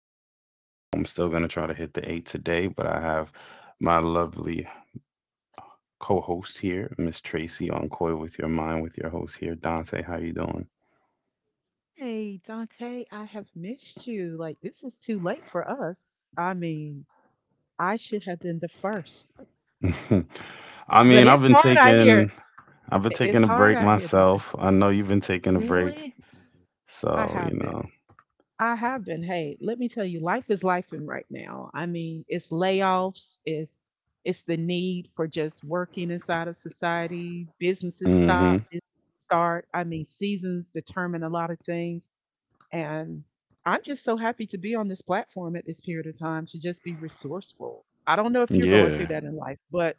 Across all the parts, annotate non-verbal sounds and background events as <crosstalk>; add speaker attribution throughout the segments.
Speaker 1: my second goal. I'm still going to try to hit the eight today, but I have my lovely co host here, Miss Tracy on Coil with Your Mind, with your host here, Dante. How you
Speaker 2: Hey, Dante, I have missed you. Like, this is too late for us. I mean, I should have been the first.
Speaker 1: doing? <laughs> I
Speaker 2: But
Speaker 1: mean, I've
Speaker 2: it's
Speaker 1: been
Speaker 2: hard out here.
Speaker 1: taking. I've been taking
Speaker 2: It's
Speaker 1: a
Speaker 2: hard
Speaker 1: break
Speaker 2: out here, Dante.
Speaker 1: myself. I know you've been taking a break.
Speaker 2: Really? I
Speaker 1: So, you
Speaker 2: have
Speaker 1: know.
Speaker 2: been. I have been. Hey, let me tell you, life is life in right now. I mean, it's layoffs, it's the need for just working inside of society, businesses stop,
Speaker 1: Mhm.
Speaker 2: businesses start. I mean, seasons determine a lot of things. And I'm just so happy to be on this platform at this period of time to just be resourceful. I don't know if you're going through
Speaker 1: Yeah.
Speaker 2: that in life, but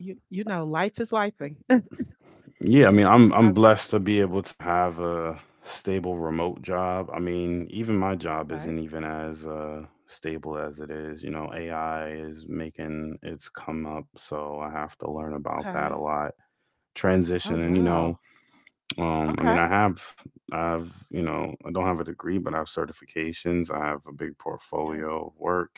Speaker 2: life is lifing. <laughs>
Speaker 1: Yeah, I mean, I'm
Speaker 2: Um,
Speaker 1: blessed to be able to have a stable remote job. I mean, even my job
Speaker 2: okay.
Speaker 1: isn't even as stable as it is. You know, AI is making its come up, so I have to learn about that a
Speaker 2: Okay.
Speaker 1: lot.
Speaker 2: Oh
Speaker 1: Transition, and you know,
Speaker 2: wow.
Speaker 1: I mean,
Speaker 2: Okay.
Speaker 1: I have, I've, you know, I don't have a degree, but I have certifications. I have a big
Speaker 2: Yeah.
Speaker 1: portfolio of work,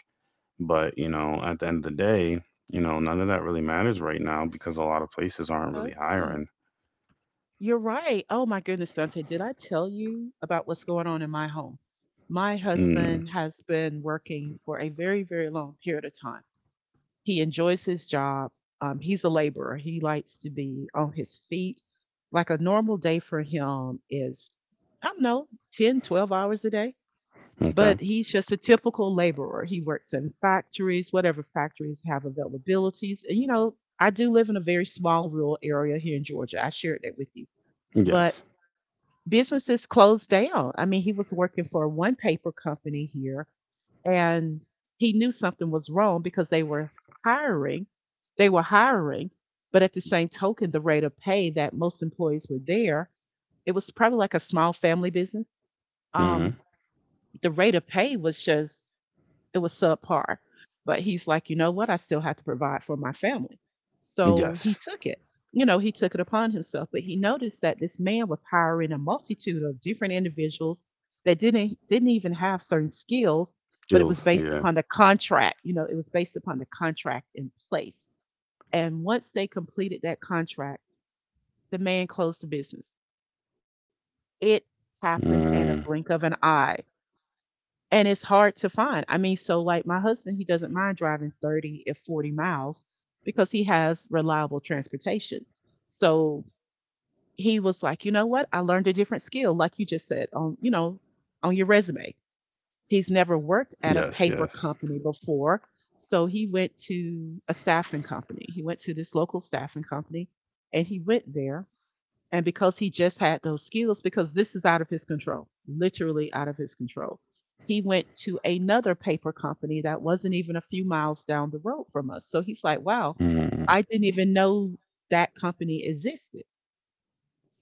Speaker 1: but you know, at the end of the day, you know, none of that really matters right now because a lot of places aren't
Speaker 2: So
Speaker 1: really
Speaker 2: this it?
Speaker 1: hiring.
Speaker 2: You're right. Oh my goodness, Dante, did I tell you about what's going on in my home? My
Speaker 1: Mm,
Speaker 2: husband has been working for a very, very long period of time. He enjoys his job. He's a laborer. He likes to be on his feet. Like a normal day for him is, I don't know, 10, 12 hours a day.
Speaker 1: okay.
Speaker 2: But he's just a typical laborer. He works in factories, whatever factories have availabilities. And, you know, I do live in a very small rural area here in Georgia. I shared that with you. But
Speaker 1: Yes.
Speaker 2: businesses closed down. I mean, he was working for one paper company here and he knew something was wrong because they were hiring. They were hiring, but at the same token, the rate of pay that most employees were there, it was probably like a small family business.
Speaker 1: Hmm.
Speaker 2: Um, the rate of pay was just it was subpar. But he's like, you know what? I still have to provide for my family. So he
Speaker 1: Yes.
Speaker 2: took it. You know, he took it upon himself, but he noticed that this man was hiring a multitude of different individuals that didn't even have certain skills, but it was
Speaker 1: Skills.
Speaker 2: based
Speaker 1: Yeah.
Speaker 2: upon the contract. You know, it was based upon the contract in place. And once they completed that contract, the man closed the business. It happened
Speaker 1: Mm.
Speaker 2: in a blink of an eye. And it's hard to find. I mean, so like my husband, he doesn't mind driving 30 if 40 miles because he has reliable transportation. So he was like, you know what? I learned a different skill, like you just said, on, you know, on your resume. He's never worked
Speaker 1: Yes.
Speaker 2: at a
Speaker 1: Yes.
Speaker 2: paper company before. So he went to a staffing company. He went to this local staffing company and he went there and because he just had those skills, because this is out of his control, literally out of his control, he went to another paper company that wasn't even a few miles down the road from us. So he's like, wow,
Speaker 1: Mm.
Speaker 2: I didn't even know that company existed.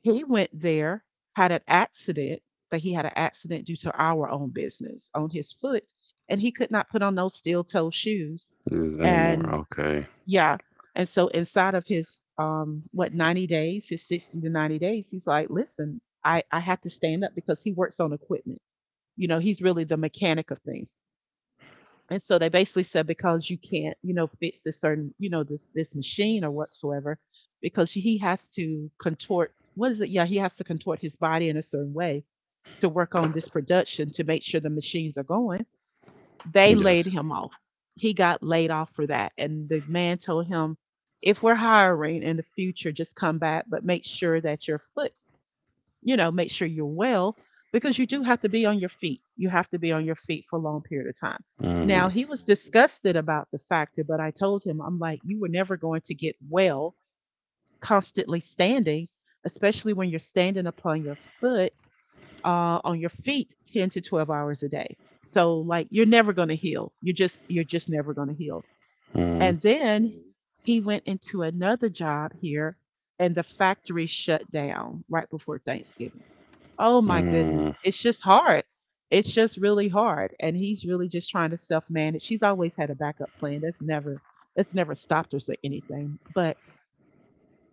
Speaker 2: He went there, had an accident, but he had an accident due to our own business on his foot, and he could not put on those steel toe shoes.
Speaker 1: Is anymore.
Speaker 2: And
Speaker 1: Okay.
Speaker 2: yeah, and so inside of his what 90 days, his 60 to 90 days, he's like, "Listen, I have to stand up because he works on equipment. You know, he's really the mechanic of things." And so they basically said because you can't, you know, fix this certain, you know, this machine or whatsoever because he has to contort what is it? Yeah, he has to contort his body in a certain way to work on this production to make sure the machines are going. They
Speaker 1: Yes.
Speaker 2: laid him off. He got laid off for that. And the man told him, if we're hiring in the future, just come back, but make sure that your foot, you know, make sure you're well because you do have to be on your feet. You have to be on your feet for a long period of time.
Speaker 1: Hmm.
Speaker 2: Now, he was disgusted about the factor, but I told him, I'm like, you were never going to get well constantly standing, especially when you're standing upon your foot on your feet 10 to 12 hours a day. So like you're never going to heal. You're just never going to heal.
Speaker 1: Hmm.
Speaker 2: And then he went into another job here and the factory shut down right before Thanksgiving. Oh my goodness.
Speaker 1: Mm.
Speaker 2: It's just hard. It's just really hard. And he's really just trying to self manage. She's always had a backup plan. That's never stopped us or anything. But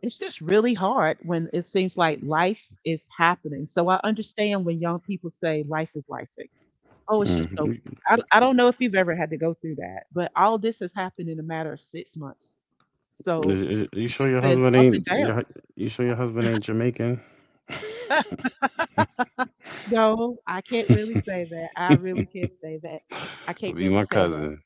Speaker 2: it's just really hard when it seems like life is happening. So I understand when young people say life is lifing. Oh, it's just
Speaker 1: Mm.
Speaker 2: so
Speaker 1: You,
Speaker 2: I don't know if you've ever had to go through that, but all this has happened in a matter of 6 months. So
Speaker 1: you
Speaker 2: it's
Speaker 1: sure
Speaker 2: just
Speaker 1: your
Speaker 2: been
Speaker 1: husband
Speaker 2: up
Speaker 1: ain't
Speaker 2: and down.
Speaker 1: your, you sure your husband ain't Jamaican?
Speaker 2: <laughs> No, I can't
Speaker 1: <laughs>
Speaker 2: really say that. I really can't say that. I
Speaker 1: Could
Speaker 2: can't
Speaker 1: be
Speaker 2: really
Speaker 1: my
Speaker 2: say that.
Speaker 1: cousin.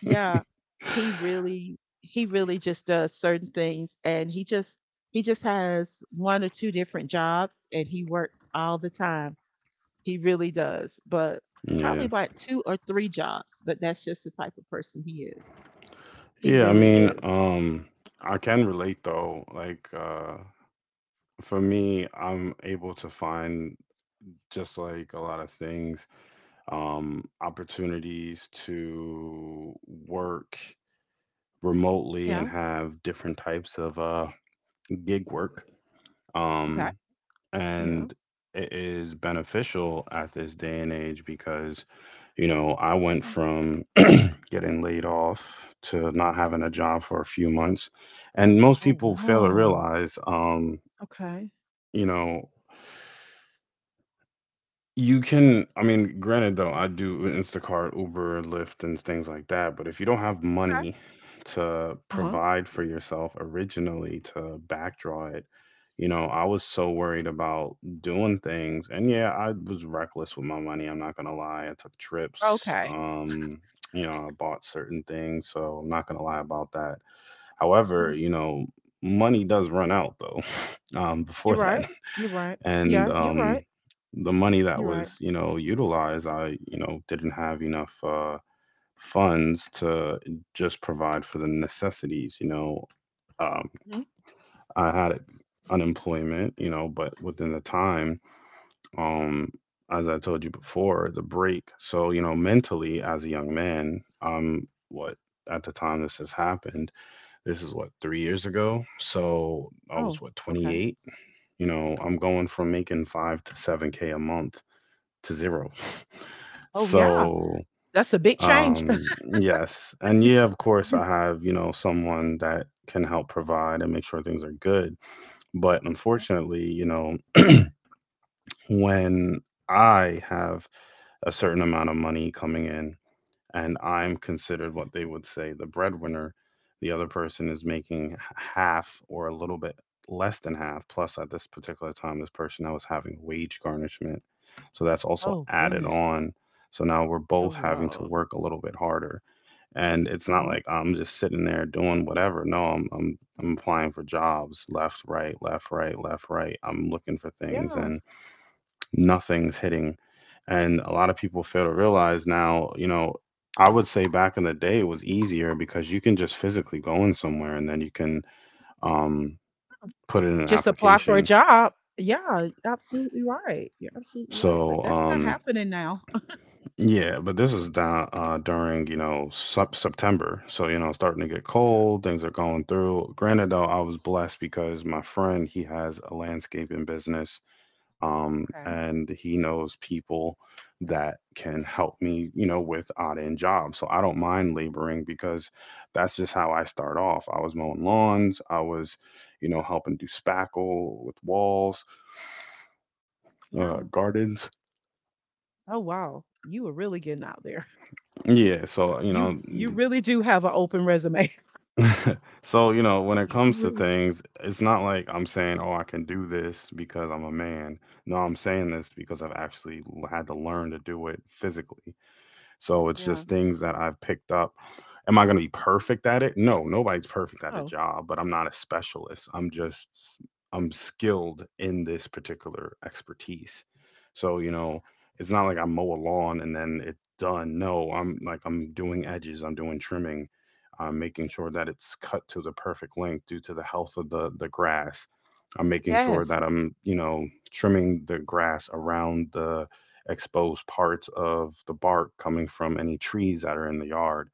Speaker 2: Yeah, he really just does certain things and he just has one or two different jobs and he works all the time. He really does, but
Speaker 1: Yeah.
Speaker 2: probably about 2 or 3 jobs, but that's just the type of person he is. He
Speaker 1: Yeah, I
Speaker 2: really
Speaker 1: mean,
Speaker 2: is.
Speaker 1: I can relate though. Like, for me, I'm able to find just like a lot of things opportunities to work remotely and
Speaker 2: Yeah.
Speaker 1: have different types of gig work.
Speaker 2: Okay.
Speaker 1: Um,
Speaker 2: Yeah.
Speaker 1: and it is beneficial at this day and age because, you know, I went
Speaker 2: Mm.
Speaker 1: from <clears throat> getting laid off to not having a job for a few months. And most
Speaker 2: Oh,
Speaker 1: people fail to
Speaker 2: wow.
Speaker 1: realize,
Speaker 2: Okay.
Speaker 1: you know, you can, I mean, granted though, I do Instacart, Uber, Lyft, and things like that, but if you don't have
Speaker 2: Okay.
Speaker 1: money to
Speaker 2: Uh-huh.
Speaker 1: provide for yourself originally to backdraw it, you know, I was so worried about doing things. And yeah, I was reckless with my money. I'm not gonna lie. I took trips.
Speaker 2: Okay.
Speaker 1: You know, I bought certain things, so I'm not gonna lie about that. However,
Speaker 2: Mhm.
Speaker 1: you know, money does run out though, <laughs>
Speaker 2: You're
Speaker 1: before
Speaker 2: right.
Speaker 1: that
Speaker 2: You're right.
Speaker 1: and
Speaker 2: Yeah, you're right.
Speaker 1: the money that
Speaker 2: You're right.
Speaker 1: was, you know, utilized, I, you know, didn't have enough funds to just provide for the necessities, you know, um,
Speaker 2: Mhm.
Speaker 1: I had unemployment, you know, but within the time, um, as I told you before the break, so you know mentally as a young man, what at the time this has happened, this is what 3 years ago, so I
Speaker 2: Oh,
Speaker 1: was what
Speaker 2: okay.
Speaker 1: 28. You know, I'm going from making 5 to 7K a month to 0.
Speaker 2: Oh, yeah.
Speaker 1: So
Speaker 2: That's a big change. <laughs>
Speaker 1: um yes, and yeah, of course I have, you know, someone that can help provide and make sure things are good, but unfortunately, you know, when I have a certain amount of money coming in and I'm considered what they would say the breadwinner. The other person is making half or a little bit less than half. Plus, at this particular time, this person now is having wage garnishment. So that's also
Speaker 2: Oh,
Speaker 1: added
Speaker 2: goodness.
Speaker 1: on. So now we're
Speaker 2: Oh,
Speaker 1: both having to
Speaker 2: wow.
Speaker 1: work a little bit harder. And it's not
Speaker 2: Uh-huh.
Speaker 1: like I'm just sitting there doing whatever. No, I'm applying for jobs left, right, left, right, left, right. I'm looking for things.
Speaker 2: Yeah.
Speaker 1: And nothing's hitting. And a lot of people fail to realize now, you know, I would say back in the day it was easier because you can just physically go in somewhere and then you can um, put in an
Speaker 2: Just apply for a
Speaker 1: application.
Speaker 2: job. Yeah, absolutely right. You're absolutely right,
Speaker 1: So
Speaker 2: but that's not happening now. <laughs>
Speaker 1: yeah, but this is down during, you know, September, so you know it's starting to get cold. Things are going through. Granted, though, I was blessed because my friend he has a landscaping business,
Speaker 2: Okay.
Speaker 1: and he knows people that can help me, you know, with odd-end jobs. So I don't mind laboring because that's just how I start off. I was mowing lawns, I was, you know, helping do spackle with walls,
Speaker 2: Yeah.
Speaker 1: gardens.
Speaker 2: Oh, wow. You were really getting out there. <laughs>
Speaker 1: Yeah, so you know,
Speaker 2: You really do have an open resume.
Speaker 1: so you know, when
Speaker 2: <laughs>
Speaker 1: it
Speaker 2: You
Speaker 1: comes to
Speaker 2: really
Speaker 1: things, it's not like I'm saying, oh, I can do this because I'm a man. No, I'm saying this because I've actually had to learn to do it physically. So it's
Speaker 2: Yeah.
Speaker 1: just things that I've picked up. Am I going to be perfect at it? No, nobody's perfect at a
Speaker 2: Oh,
Speaker 1: job, but I'm not a specialist. I'm skilled in this particular expertise. So, you know, it's not like I mow a lawn and then it's done. No, I'm like I'm doing edges, I'm doing trimming, I'm making sure that it's cut to the perfect length due to the health of the grass. I'm making sure
Speaker 2: yes.
Speaker 1: that I'm, you know, trimming the grass around the exposed parts of the bark coming from any trees that are in the yard,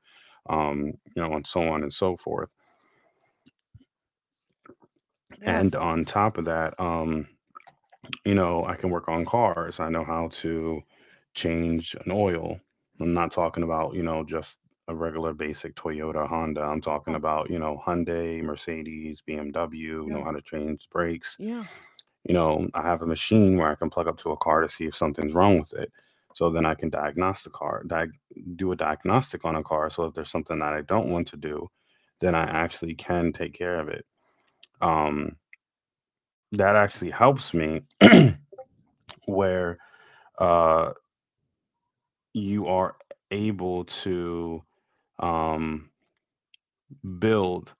Speaker 1: you know, and so on and so forth. And
Speaker 2: Yes.
Speaker 1: on top of that, you know, I can work on cars. I know how to change an oil. I'm not talking about, you know, just a regular basic Toyota Honda. I'm talking
Speaker 2: Oh,
Speaker 1: about, you know, Hyundai, Mercedes, BMW,
Speaker 2: yeah.
Speaker 1: know how to change brakes.
Speaker 2: Yeah.
Speaker 1: You know, I have a machine where I can plug up to a car to see if something's wrong with it. So then I can diagnostic car, diag do a diagnostic on a car. So if there's something that I don't want to do, then I actually can take care of it. Um, that actually helps me <clears throat> where uh, you are able to um, build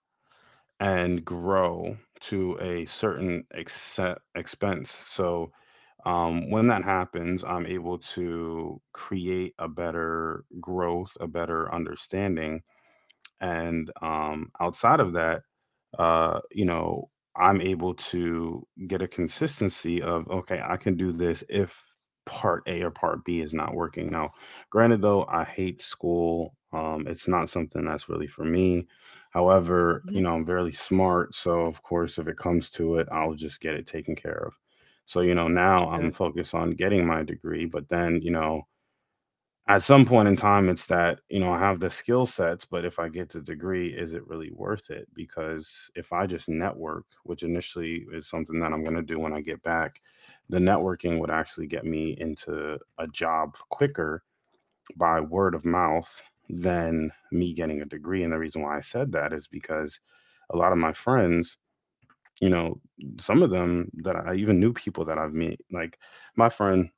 Speaker 1: and grow to a certain expense. So when that happens, I'm able to create a better growth, a better understanding. And outside of that, you know, I'm able to get a consistency of okay, I can do this if part A or part B is not working. Now, granted though, I hate school. It's not something that's really for me. However, you
Speaker 2: Mhm.
Speaker 1: know, I'm very smart, so of course, if it comes to it, I'll just get it taken care of. So, you know, now I'm
Speaker 2: Understood.
Speaker 1: focused on getting my degree, but then, you know, at some point in time it's that you know I have the skill sets, but if I get the degree is it really worth it, because if I just network, which initially is something that I'm going to do when I get back, the networking would actually get me into a job quicker by word of mouth than me getting a degree. And the reason why I said that is because a lot of my friends, you know, some of them that I even knew, people that I've met, like my friend,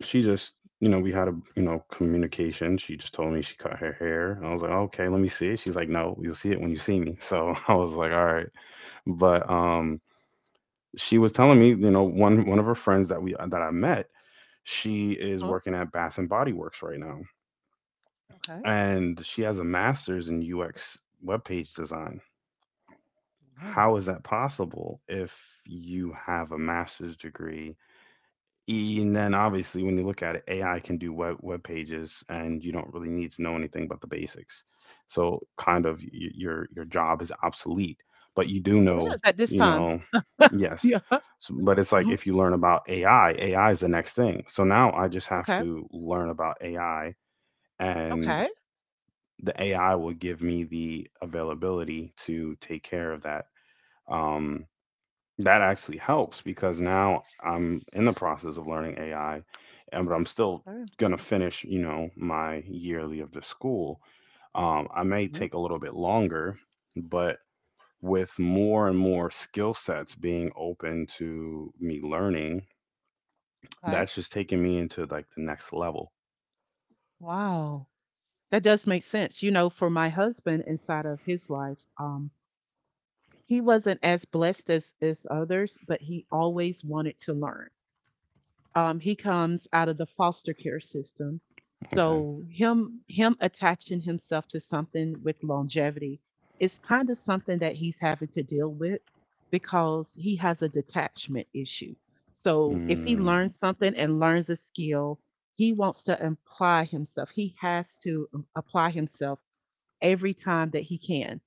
Speaker 1: she just, you know, we had a, you know, communication. She just told me she cut her hair. I was like, okay, let me see it. She's like, no, you'll see it when you see me. So <laughs> I was like, all right. But she was telling me, you know, one of her friends that we that I met, she is
Speaker 2: Huh?
Speaker 1: working at Bath and Body Works right now,
Speaker 2: Okay.
Speaker 1: and she has a master's in UX web page design.
Speaker 2: Wow.
Speaker 1: How is that possible if you have a master's degree E, and then obviously, when you look at it, AI can do web pages, and you don't really need to know anything but the basics. So kind of your job is obsolete, but you do
Speaker 2: It
Speaker 1: know,
Speaker 2: is at this
Speaker 1: you
Speaker 2: time.
Speaker 1: know, yes.
Speaker 2: Yeah. <laughs>
Speaker 1: So, but it's like
Speaker 2: Mhm.
Speaker 1: if you learn about AI, AI is the next thing. So now I just have
Speaker 2: Okay.
Speaker 1: to learn about AI, and
Speaker 2: Okay.
Speaker 1: the AI will give me the availability to take care of that. Um, that actually helps because now I'm in the process of learning AI, and but I'm still
Speaker 2: Alright,
Speaker 1: gonna finish, you know, my yearly of the school. I may
Speaker 2: mhm,
Speaker 1: take a little bit longer, but with more and more skill sets being open to me learning,
Speaker 2: okay.
Speaker 1: that's just taking me into like the next level.
Speaker 2: Wow. That does make sense. You know, for my husband inside of his life, he wasn't as blessed as others, but he always wanted to learn. He comes out of the foster care system.
Speaker 1: Okay.
Speaker 2: So him attaching himself to something with longevity is kind of something that he's having to deal with because he has a detachment issue.
Speaker 1: Mm.
Speaker 2: So if he
Speaker 1: Mm,
Speaker 2: learns something and learns a skill, he wants to apply himself. He has to apply himself every time that he can.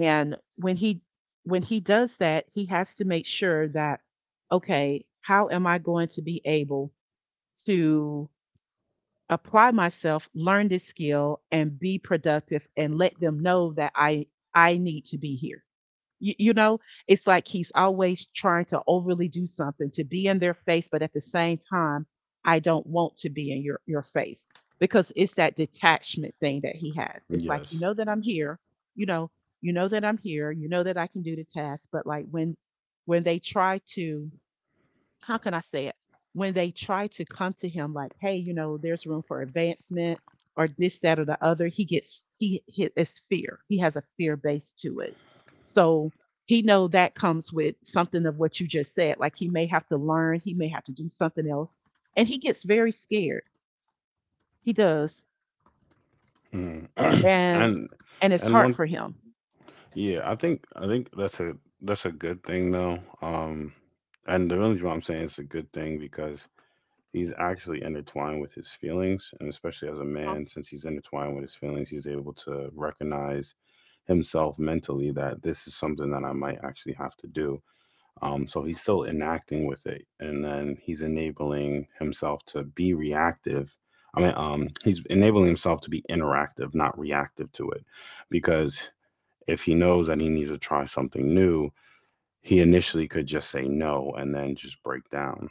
Speaker 2: And when he does that, he has to make sure that okay, how am I going to be able to apply myself, learn this skill, and be productive and let them know that I need to be here. You know, it's like he's always trying to overly do something to be in their face, but at the same time, I don't want to be in your face because it's that detachment thing that he has. It's like you
Speaker 1: yes.
Speaker 2: know that I'm here, you know, you know that I'm here, you know that I can do the task, but like when they try to how can I say it? When they try to come to him like, hey, you know, there's room for advancement or this, that, or the other, he it's fear. He has a fear base to it. So he know that comes with something of what you just said. Like he may have to learn, he may have to do something else. And he gets very scared. He does.
Speaker 1: Mm. <clears throat>
Speaker 2: And
Speaker 1: And
Speaker 2: and it's
Speaker 1: and
Speaker 2: hard
Speaker 1: one
Speaker 2: for him.
Speaker 1: Yeah, I think that's a good thing though. And the reason why I'm saying it's a good thing because he's actually intertwined with his feelings, and especially as a
Speaker 2: Huh?
Speaker 1: man, since he's intertwined with his feelings, he's able to recognize himself mentally that this is something that I might actually have to do. So he's still enacting with it, and then he's enabling himself to be reactive. He's enabling himself to be interactive, not reactive to it because if he knows that he needs to try something new, he initially could just say no and then just break down.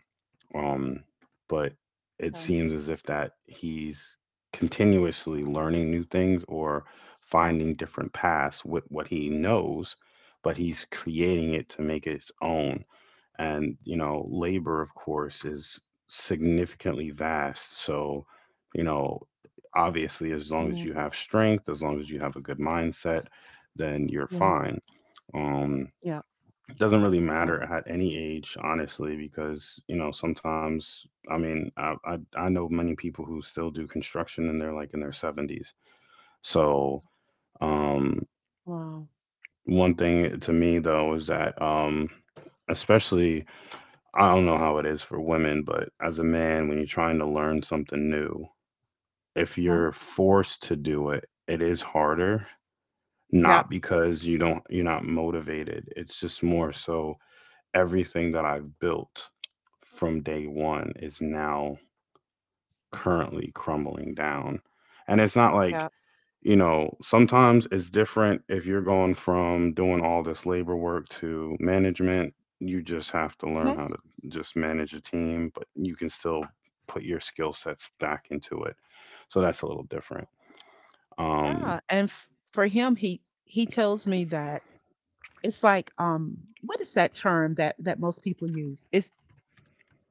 Speaker 1: Um, but it
Speaker 2: Okay.
Speaker 1: seems as if that he's continuously learning new things or
Speaker 2: Yeah.
Speaker 1: finding different paths with what he knows, but he's creating it to make it his own. And, labor, of course, is significantly vast. So, you know, obviously, as long as
Speaker 2: Yeah.
Speaker 1: you have strength, as long as you have a good mindset, then you're
Speaker 2: Yeah.
Speaker 1: fine. Um,
Speaker 2: Yeah.
Speaker 1: doesn't really
Speaker 2: Yeah.
Speaker 1: matter at any age, honestly, because sometimes, I mean, I know many people who still do construction and they're like in their seventies. So um,
Speaker 2: Wow.
Speaker 1: one thing to me though is that, especially, I don't know how it is for women, but as a man, when you're trying to learn something new, if
Speaker 2: Huh?
Speaker 1: you're forced to do it, it is harder.
Speaker 2: Yeah.
Speaker 1: Not because you're not motivated. It's just more so everything that I've built from day one is now currently crumbling down. And it's not like,
Speaker 2: Yeah.
Speaker 1: sometimes it's different if you're going from doing all this labor work to management. You just have to learn how to just manage a team, but you can still put your skill sets back into it. So that's a little different. Um,
Speaker 2: Yeah, and for him, he tells me that it's like what is that term that that most people use? Is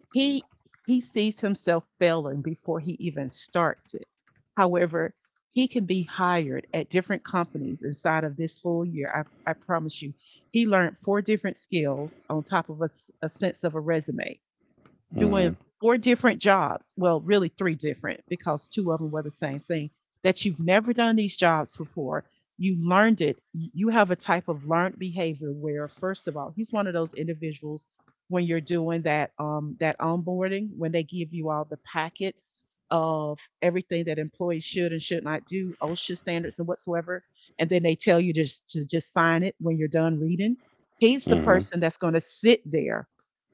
Speaker 2: he he sees himself failing before he even starts it. However, he can be hired at different companies inside of this full year. I promise you, he learned 4 different skills on top of a sense of a resume
Speaker 1: mm-hmm.
Speaker 2: doing 4 different jobs. Well, really three different because two of them were the same thing. That you've never done these jobs before. You learned it. You have a type of learned behavior where, first of all, he's one of those individuals when you're doing that that onboarding when they give you all the packet of everything that employees should and should not do, OSHA standards and whatsoever, and then they tell you just to just sign it when you're done reading. He's the
Speaker 1: Mm-hmm.
Speaker 2: person that's going to sit there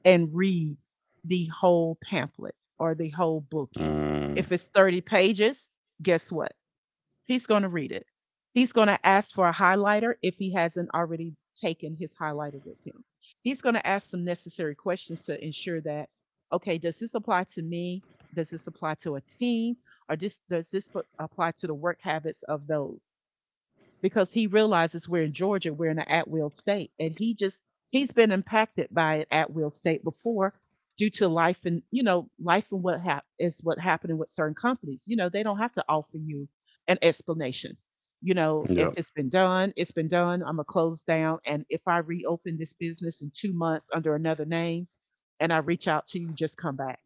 Speaker 2: and read the whole pamphlet or the whole bookie.
Speaker 1: Mm.
Speaker 2: If it's 30 pages, guess what? He's going to read it. He's going to ask for a highlighter if he hasn't already taken his highlighter with him. He's going to ask some necessary questions to ensure that, okay, does this apply to me? Does this apply to a team? Or just, does this apply to the work habits of those? Because he realizes we're in Georgia, we're in an at will state. And he just, he's been impacted by an at will state before due to life and life and is what happened with certain companies. They don't have to offer you an explanation. If
Speaker 1: Yep.
Speaker 2: it's been done, it's been done. I'm going to close down. And if I reopen this business in 2 months under another name and I reach out to you, just come back.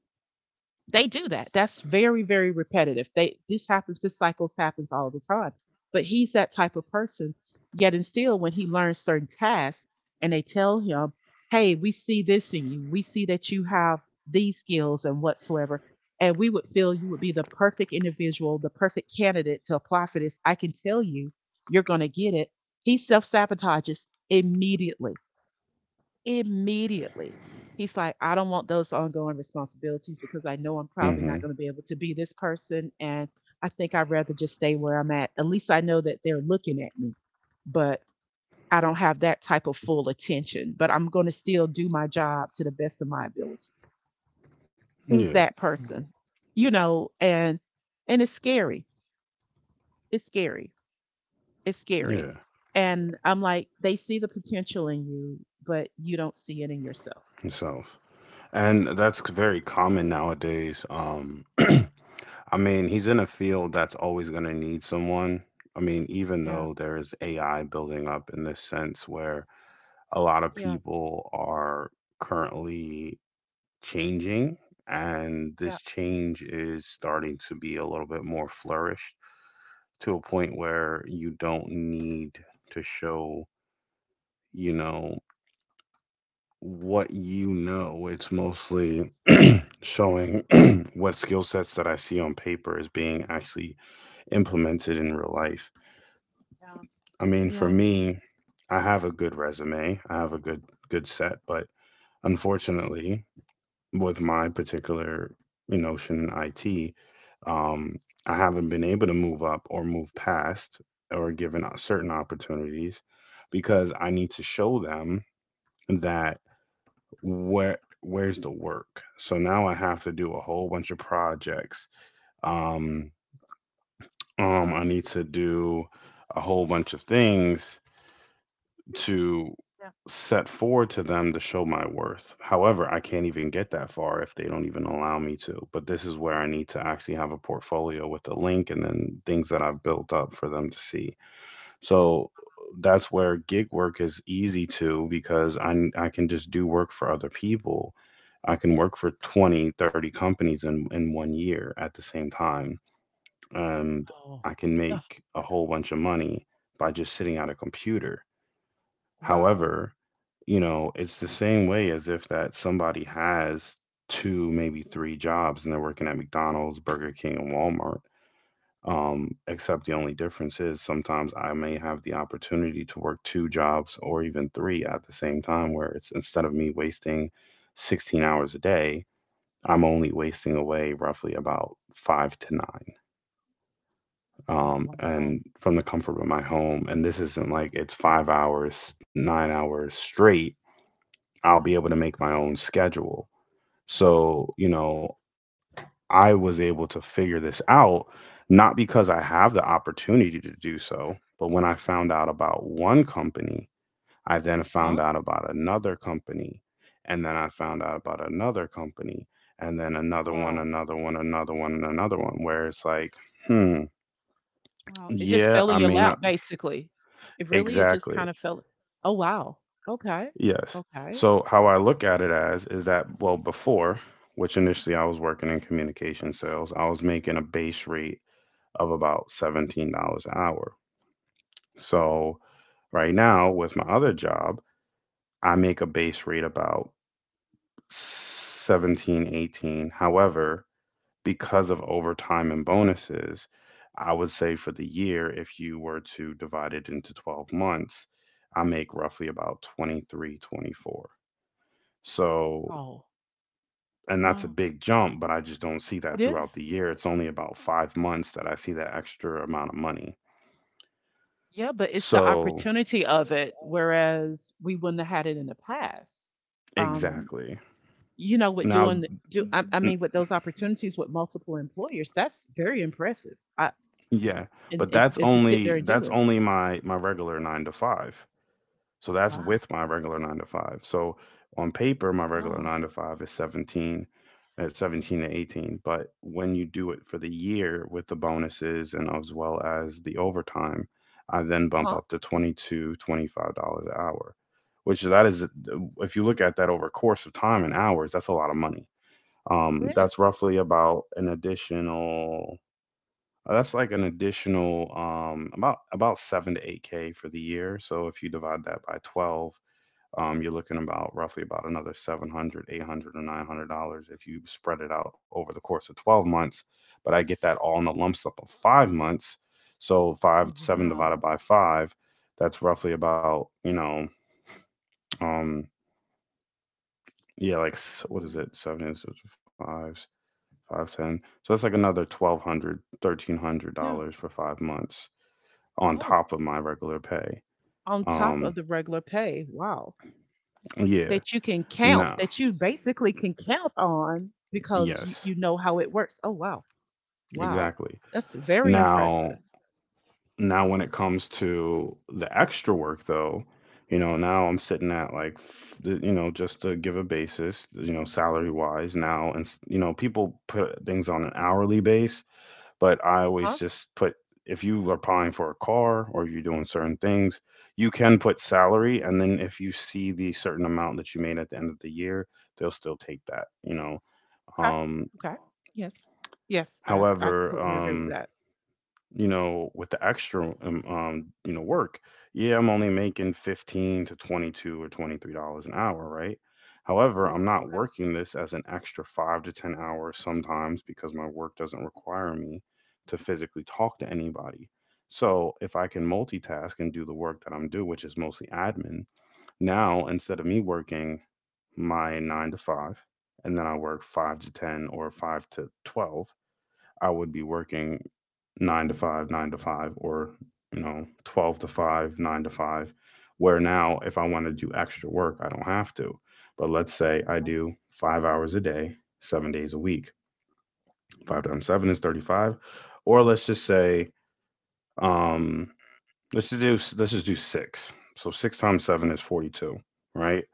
Speaker 2: They do that. That's very, very repetitive. This happens, this cycles happens all the time. But he's that type of person. Yet and still, when he learns certain tasks and they tell him, hey, we see this in you, we see that you have these skills and whatsoever, and we would feel you would be the perfect individual, the perfect candidate to apply for this. I can tell you, you're going to get it. He self sabotages immediately. Immediately. He's like, I don't want those ongoing responsibilities because I know I'm probably
Speaker 1: Mm-hmm.
Speaker 2: not going to be able to be this person. And I think I'd rather just stay where I'm at. At least I know that they're looking at me. But I don't have that type of full attention, but I'm going to still do my job to the best of my ability. He's
Speaker 1: Yeah,
Speaker 2: that person, mm-hmm. you know, and and it's scary. It's scary. It's scary.
Speaker 1: yeah.
Speaker 2: And I'm like, they see the potential in you, but you don't see it in yourself.
Speaker 1: Yourself. And that's very common nowadays. <clears throat> I mean, he's in a field that's always going to need someone. I mean, even
Speaker 2: Yeah,
Speaker 1: though there's AI building up in this sense where a lot of
Speaker 2: yeah,
Speaker 1: people are currently changing, and
Speaker 2: yeah,
Speaker 1: this change is starting to be a little bit more flourished to a
Speaker 2: yeah,
Speaker 1: point where you don't need to show, you know, what you know. It's mostly showing <clears throat> what skill sets that I see on paper is being actually implemented in real life.
Speaker 2: yeah,
Speaker 1: I mean, for
Speaker 2: yeah,
Speaker 1: me, I have a good resume, I have a good set, but unfortunately, with my particular, notion in IT, um, I haven't been able to move up or move past or given certain opportunities because I need to show them that where's the work. So now I have to do a whole bunch of projects. um, I need to do a whole bunch of things to
Speaker 2: yeah.
Speaker 1: set forward to them to show my worth. However, I can't even get that far if they don't even allow me to. But this is where I need to actually have a portfolio with a link and then things that I've built up for them to see. So that's where gig work is easy to, because I can just do work for other people. I can work for 20, 30 companies in one year at the same time, and
Speaker 2: Oh.
Speaker 1: I can
Speaker 2: Ugh.
Speaker 1: make a whole bunch of money by just sitting at a computer.
Speaker 2: Wow.
Speaker 1: However, it's the same way as if that somebody has two, maybe three jobs, and they're working at McDonald's, Burger King, and Walmart. Except the only difference is sometimes I may have the opportunity to work two jobs or even three at the same time, where it's, instead of me wasting 16 hours a day, I'm only wasting away roughly about five to nine,
Speaker 2: Wow.
Speaker 1: and from the comfort of my home. And this isn't like it's 5 hours, 9 hours straight. I'll be able to make my own schedule. So, I was able to figure this out, not because I have the opportunity to do so, but when I found out about one company, I then found
Speaker 2: Huh?
Speaker 1: out about another company. And then I found out about another company, and then another one,
Speaker 2: Wow.
Speaker 1: another one, another one, and another one, where it's like, hmm,
Speaker 2: Wow, it just
Speaker 1: yeah,
Speaker 2: fell in
Speaker 1: I
Speaker 2: your
Speaker 1: may not.
Speaker 2: lap, basically. It really it just kind
Speaker 1: Exactly.
Speaker 2: of fell. Oh, wow. Okay.
Speaker 1: Yes.
Speaker 2: Okay.
Speaker 1: So how I look at it as is that, well, before, which initially I was working in communication sales, I was making a base rate of about $17 an hour. So right now with my other job, I make a base rate about 17-18. However, because of overtime and bonuses, I would say for the year, if you were to divide it into 12 months, I make roughly about 23-24. So,
Speaker 2: Wow.
Speaker 1: and that's a
Speaker 2: Wow.
Speaker 1: big jump, but I just don't see
Speaker 2: It
Speaker 1: that throughout
Speaker 2: is.
Speaker 1: the year. It's only about 5 months that I see that extra amount of money.
Speaker 2: Yeah, but it's the
Speaker 1: So,
Speaker 2: opportunity of it, whereas we wouldn't have had it in the past. Um,
Speaker 1: exactly.
Speaker 2: with doing
Speaker 1: Now,
Speaker 2: I
Speaker 1: n-
Speaker 2: mean, with those opportunities with multiple employers, that's very impressive. I
Speaker 1: yeah,
Speaker 2: and
Speaker 1: but
Speaker 2: and,
Speaker 1: that's
Speaker 2: and to sit there
Speaker 1: only
Speaker 2: and do
Speaker 1: that's
Speaker 2: it.
Speaker 1: only my regular nine to five. So
Speaker 2: Oh
Speaker 1: that's
Speaker 2: wow,
Speaker 1: with my regular nine to five. So on paper, my regular
Speaker 2: wow,
Speaker 1: nine to five is 17 to 18. But when you do it for the year with the bonuses and as well as the overtime, I then bump
Speaker 2: huh?
Speaker 1: up to $25 an hour, which that is, if you look at that over a course of time and hours, that's a lot of money.
Speaker 2: It
Speaker 1: That's
Speaker 2: is.
Speaker 1: roughly about an additional. That's like an additional, about 7 to 8K for the year. So if you divide that by 12, you're looking about roughly about another 700, 800, or $900 if you spread it out over the course of 12 months. But I get that all in the lump sum of 5 months. So five
Speaker 2: Oh
Speaker 1: seven
Speaker 2: wow.
Speaker 1: divided by five, that's roughly about, um yeah, like, what is
Speaker 2: Uh,
Speaker 1: it? Seven is fives, 5, 10. So that's like another twelve hundred, 1300
Speaker 2: yeah.
Speaker 1: dollars for 5 months on
Speaker 2: Oh.
Speaker 1: top of my regular pay.
Speaker 2: On top
Speaker 1: um
Speaker 2: of the regular pay, wow,
Speaker 1: yeah.
Speaker 2: that you can count,
Speaker 1: No.
Speaker 2: that you basically can count on because you
Speaker 1: Yes.
Speaker 2: you know how it works. Oh, wow. Wow.
Speaker 1: Exactly.
Speaker 2: That's very
Speaker 1: now
Speaker 2: impressive.
Speaker 1: now when it comes to the extra work though, now I'm sitting at like, just to give a basis, salary wise now, and, people put things on an hourly base, but I always
Speaker 2: Huh?
Speaker 1: just put, if you are applying for a car or you're doing certain things, you can put salary, and then if you see the certain amount that you made at the end of the year, they'll still take that.
Speaker 2: Okay.
Speaker 1: Um
Speaker 2: Okay. Yes. Yes, I
Speaker 1: However,
Speaker 2: completely agree with that.
Speaker 1: with the extra, work, yeah, I'm only making 15 to 22 or $23 an hour, right? However, I'm not working this as an extra 5 to 10 hours sometimes because my work doesn't require me to physically talk to anybody. So, if I can multitask and do the work that I'm doing, which is mostly admin, now instead of me working my 9 to 5 and then I work 5 to 10 or 5 to 12, I would be working nine to five, or 12 to five, nine to five. Where now, if I want to do extra work, I don't have to. But let's say I
Speaker 2: Uh-huh.
Speaker 1: do 5 hours a day, 7 days a week.
Speaker 2: Uh-huh.
Speaker 1: Five times seven is 35. Or let's just say, um, let's just do let's just do six. So six times seven
Speaker 2: Mhm.
Speaker 1: is 42, right?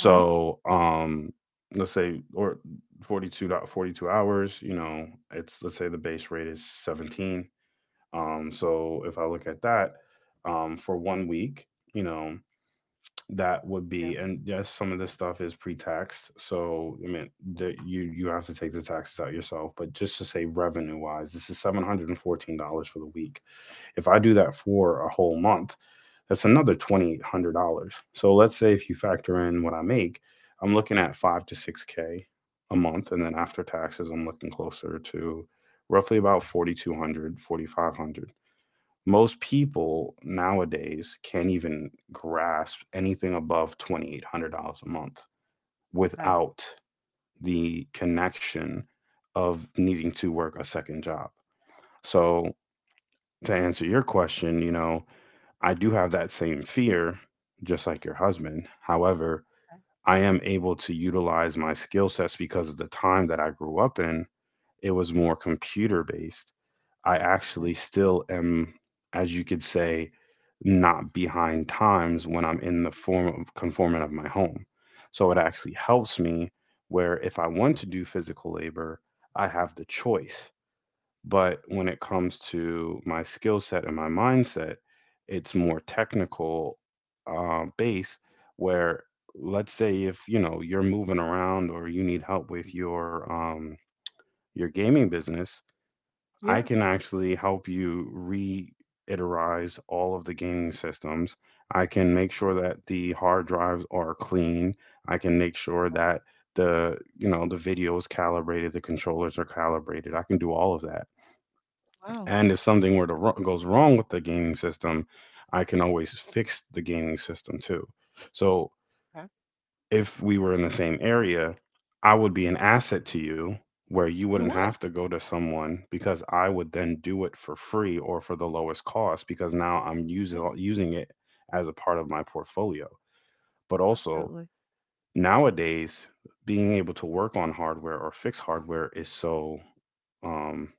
Speaker 2: Uh-huh.
Speaker 1: let's say or forty-two hours, you know it's let's say the base rate is 17. So if I look at that, for one week, you know, that would
Speaker 2: Yep.
Speaker 1: be — and yes, some of this stuff is pre-taxed. So I mean, the, you have to take the taxes out yourself. But just to say revenue-wise, this is $714 for the week. If I do that for a whole month, that's another $2,800. So let's say if you factor in what I make, I'm looking at 5 to 6K a month, and then after taxes, I'm looking closer to roughly about 4,200, 4,500. Most people nowadays can't even grasp anything above $2,800 a month
Speaker 2: Okay.
Speaker 1: without the connection of needing to work a second job. So, to answer your question, I do have that same fear, just like your husband. However,
Speaker 2: Okay.
Speaker 1: I am able to utilize my skill sets because of the time that I grew up in. It was more computer based. I
Speaker 2: Okay.
Speaker 1: actually still am, as you could say, not behind times when I'm in the form of conformant of my home. So it actually helps me where if I want to do physical labor, I have the choice. But when it comes to my skill set and my mindset, it's more technical, base, where let's say if you know you're moving around or you need help with your gaming business, I
Speaker 2: Yeah.
Speaker 1: can actually help you reiterize all of the gaming systems. I can make sure that the hard drives are clean. I can make sure
Speaker 2: Okay.
Speaker 1: that the you know the video is calibrated, the controllers are calibrated. I can do all of that.
Speaker 2: Wow.
Speaker 1: And if something were to goes wrong with the gaming system, I can always fix the gaming system too. So
Speaker 2: Okay.
Speaker 1: if we were in the same area, I would be an asset to you where you
Speaker 2: You
Speaker 1: wouldn't
Speaker 2: would.
Speaker 1: have to go to someone because I would then do it for free or for the lowest cost because now I'm
Speaker 2: Mm,
Speaker 1: using it as a part of my portfolio. But also
Speaker 2: absolutely.
Speaker 1: nowadays being able to work on hardware or fix hardware is so um,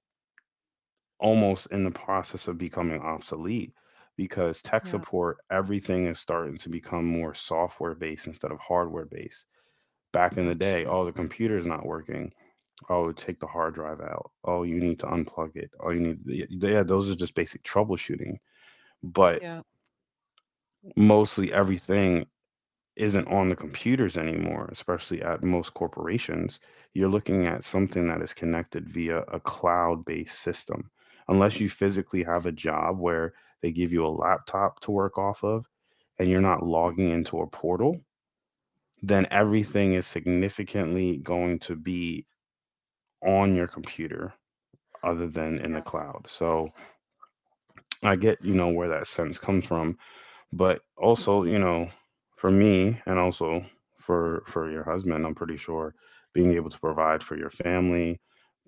Speaker 1: almost in the process of becoming obsolete because tech
Speaker 2: Yeah.
Speaker 1: support, everything is starting to become more software based instead of hardware based. Back in the
Speaker 2: Got
Speaker 1: day,
Speaker 2: you.
Speaker 1: oh, the computer's not working. Oh, take the hard drive out. Oh, you need to unplug it. Oh, you need, yeah, those are just basic troubleshooting. But
Speaker 2: Yeah.
Speaker 1: mostly everything isn't on the computers anymore, especially at most corporations. You're looking at something that is connected via a cloud based system. Unless you physically have a job where they give you a laptop to work off of and you're not
Speaker 2: Mhm.
Speaker 1: logging into a portal, then everything is significantly going to be on your computer other than in the
Speaker 2: Yeah.
Speaker 1: cloud. So I get, you know, where that sense comes from, but also, you know, for me and also for your husband, I'm pretty sure being able to provide for your family,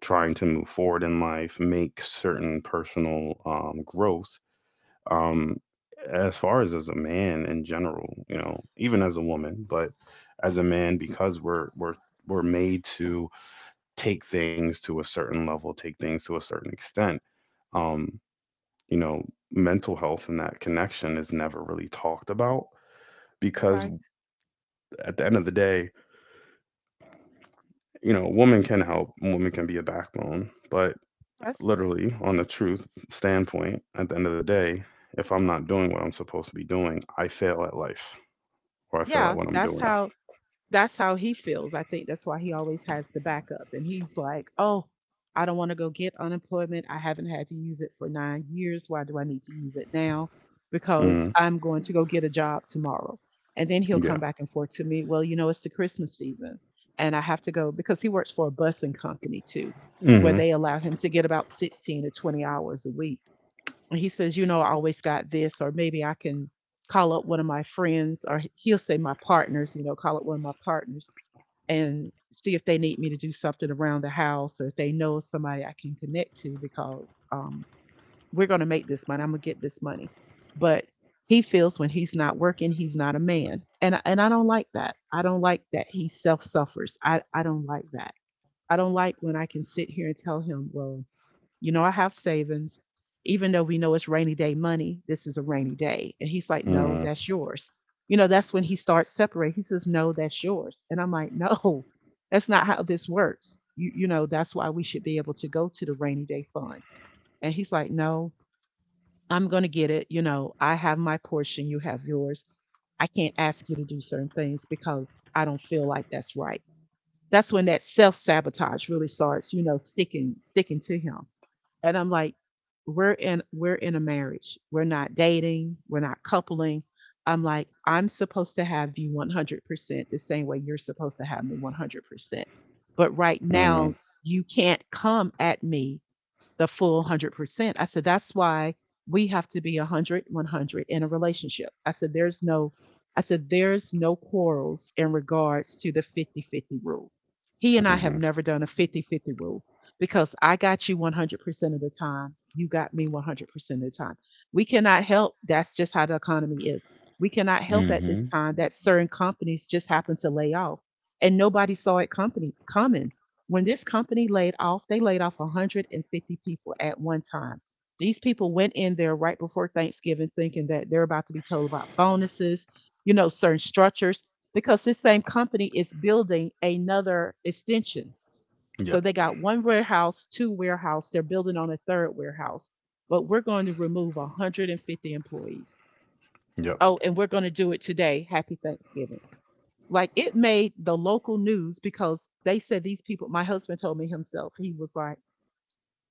Speaker 1: trying to move forward in life, make certain personal growth, um, as far as a man in general, you know, even as a woman, but as a man because we're made to take things to a certain level, take things to a certain extent. Um, you know, mental health and that connection is never really talked about
Speaker 2: You're
Speaker 1: because
Speaker 2: right.
Speaker 1: at the end of the day, you know, a woman can help, a woman can be a backbone, but
Speaker 2: That's
Speaker 1: literally on the truth standpoint, at the end of the day, if I'm not doing what I'm supposed to be doing, I fail at life or I fail at
Speaker 2: Yeah.
Speaker 1: what I'm
Speaker 2: That's
Speaker 1: doing.
Speaker 2: how that's how he feels. I think that's why he always has the backup. And he's like, oh, I don't want to go get unemployment. I haven't had to use it for 9 years. Why do I need to use it now? Because
Speaker 1: Mhm.
Speaker 2: I'm going to go get a job tomorrow. And then he'll
Speaker 1: Yeah.
Speaker 2: come back and forth to me, well, it's the Christmas season and I have to go because he works for a busing company too, where
Speaker 1: Mhm.
Speaker 2: they allow him to get about 16 to 20 hours a week. And he says, I always got this, or maybe I can call up one of my friends, or he'll say my partners, call up one of my partners and see if they need me to do something around the house or if they know somebody I can connect to because we're going to make this money. I'm going to get this money. But he feels when he's not working, he's not a man. And I don't like that. I don't like that he self suffers. I don't like that. I don't like when I can sit here and tell him, well, I have savings. Even though we know it's rainy day money, this is a rainy day. And he's like, no,
Speaker 1: Mhm.
Speaker 2: that's yours. That's when he starts separating. He says, no, that's yours. And I'm like, <laughs> no, that's not how this works. That's why we should be able to go to the rainy day fund. And he's like, no, I'm going to get it. I have my portion, you have yours. I can't ask you to do certain things because I don't feel like that's right. That's when that self sabotage really starts, sticking to him. And I'm like, we're in a marriage. We're not dating, we're not coupling. I'm like, I'm supposed to have you 100% the same way you're supposed to have me 100%. But right
Speaker 1: Mhm.
Speaker 2: now, you can't come at me the full 100%. I said, that's why we have to be 100, 100 in a relationship. I said, there's no quarrels in regards to the 50-50 rule. He and I have
Speaker 1: Mhm.
Speaker 2: never done a 50-50 rule because I got you 100% of the time. You got me 100% of the time. We cannot help. That's just how the economy is. We cannot help at this
Speaker 1: Mhm.
Speaker 2: time that certain companies just happen to lay off and nobody saw it company coming. When this company laid off, they laid off 150 people at one time. These people went in there right before Thanksgiving thinking that they're about to be told about bonuses, certain structures, because this same company is building another extension. So
Speaker 1: Yep.
Speaker 2: they got one warehouse, two warehouse, they're building on a third warehouse, but we're going to remove 150 employees.
Speaker 1: Yep.
Speaker 2: Oh, and we're going to do it today. Happy Thanksgiving. Like it made the local news because they said these people, my husband told me himself, he was like,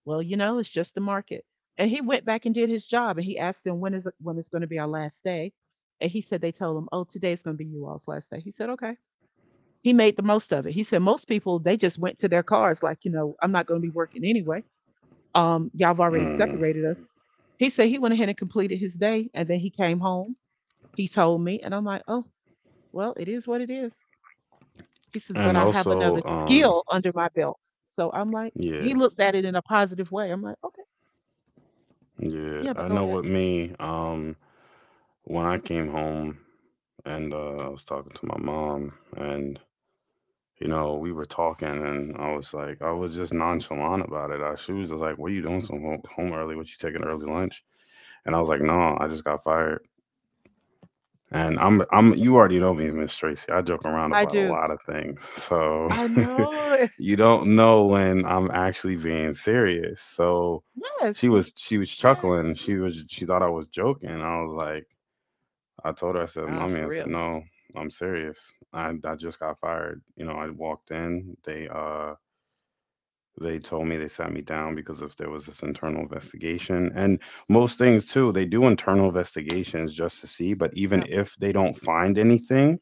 Speaker 2: well, it's just the market. And he went back and did his job and he asked them when is going to be our last day. And he said they told him, "Oh, today's going to be you all's last day." He said, "Okay." He made the most of it. He said most people they just went to their cars like, I'm not going to be working anyway. Y'all have already
Speaker 1: Mhm.
Speaker 2: separated us. He said he went ahead and completed his day and then he came home. He told me and I'm like, "Oh, well, it is what it is." He says, but
Speaker 1: And
Speaker 2: I have another
Speaker 1: also,
Speaker 2: skill under my belt. So I'm like,
Speaker 1: yeah,
Speaker 2: he looked at it in a positive way. I'm like, okay,
Speaker 1: yeah.
Speaker 2: yeah, but
Speaker 1: I
Speaker 2: go
Speaker 1: know
Speaker 2: ahead.
Speaker 1: what me, when I came home and I was talking to my mom, and you know, we were talking and I was like, I was just nonchalant about it. She was just like, "What are you doing so home early? What you taking early lunch?" And I was like, "No, I just got fired." And I'm you already know me, Miss Tracy. I joke around
Speaker 2: I
Speaker 1: about a
Speaker 2: do.
Speaker 1: lot of things. So
Speaker 2: I
Speaker 1: <laughs>
Speaker 2: know. <laughs>
Speaker 1: you don't know when I'm actually being serious. So
Speaker 2: Yes.
Speaker 1: she was
Speaker 2: Yeah.
Speaker 1: chuckling. She thought I was joking. I was like, I told her, I said,
Speaker 2: Nah,
Speaker 1: "Mommy,"
Speaker 2: for
Speaker 1: I said,
Speaker 2: real.
Speaker 1: "No, I'm serious. I just got fired." You know, I walked in, they told me, they sat me down because if there was this internal investigation, and most things too, they do internal investigations just to see, but even
Speaker 2: Yep.
Speaker 1: if they don't find anything,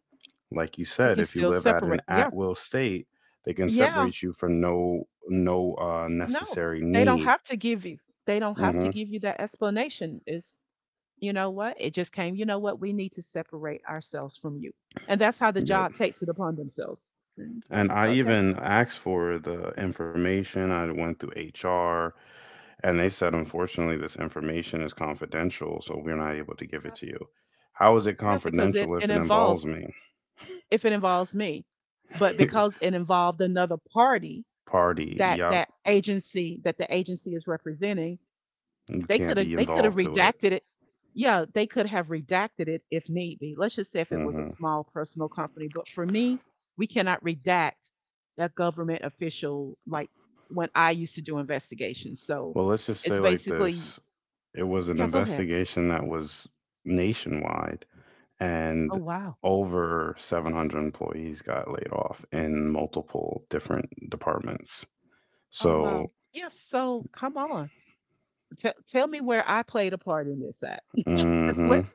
Speaker 1: like you
Speaker 2: They
Speaker 1: said,
Speaker 2: can
Speaker 1: if you
Speaker 2: still
Speaker 1: live at an
Speaker 2: separate. Yeah.
Speaker 1: at-will state, they can
Speaker 2: Yeah.
Speaker 1: separate you from no
Speaker 2: No,
Speaker 1: necessary
Speaker 2: they don't
Speaker 1: need.
Speaker 2: have to give you. They don't have to
Speaker 1: Mm-hmm.
Speaker 2: give you that explanation. Is You know what? It just came. You know what? We need to separate ourselves from you, and that's how the
Speaker 1: Yep.
Speaker 2: job takes it upon themselves. And it's like,
Speaker 1: And I
Speaker 2: okay,
Speaker 1: even asked for the information. I went through HR, and they said, unfortunately, this information is confidential, so we're not able to give it
Speaker 2: yeah,
Speaker 1: to you. How is it
Speaker 2: yeah, because it
Speaker 1: confidential
Speaker 2: it
Speaker 1: if it involves
Speaker 2: Involves,
Speaker 1: me?
Speaker 2: if it involves me. But
Speaker 1: <laughs>
Speaker 2: because it involved another party
Speaker 1: Party.
Speaker 2: that
Speaker 1: Yep.
Speaker 2: that agency that the agency is representing,
Speaker 1: You
Speaker 2: they
Speaker 1: can't
Speaker 2: could have
Speaker 1: be
Speaker 2: they could have
Speaker 1: involved to it.
Speaker 2: redacted it. Yeah, they could have redacted it if need be. Let's just say if it was a
Speaker 1: Hmm.
Speaker 2: small personal company. But for me, we cannot redact a government official like when I used to do investigations. So
Speaker 1: Well, let's just say
Speaker 2: it's
Speaker 1: like
Speaker 2: basically,
Speaker 1: this. It was an
Speaker 2: yeah, go ahead.
Speaker 1: investigation that was nationwide,
Speaker 2: Oh,
Speaker 1: and
Speaker 2: wow.
Speaker 1: over 700 employees got laid off in multiple different departments.
Speaker 2: Oh,
Speaker 1: So,
Speaker 2: wow. Yes. So come on. Tell me where I played a part in this at. <laughs> Where,
Speaker 1: mhm,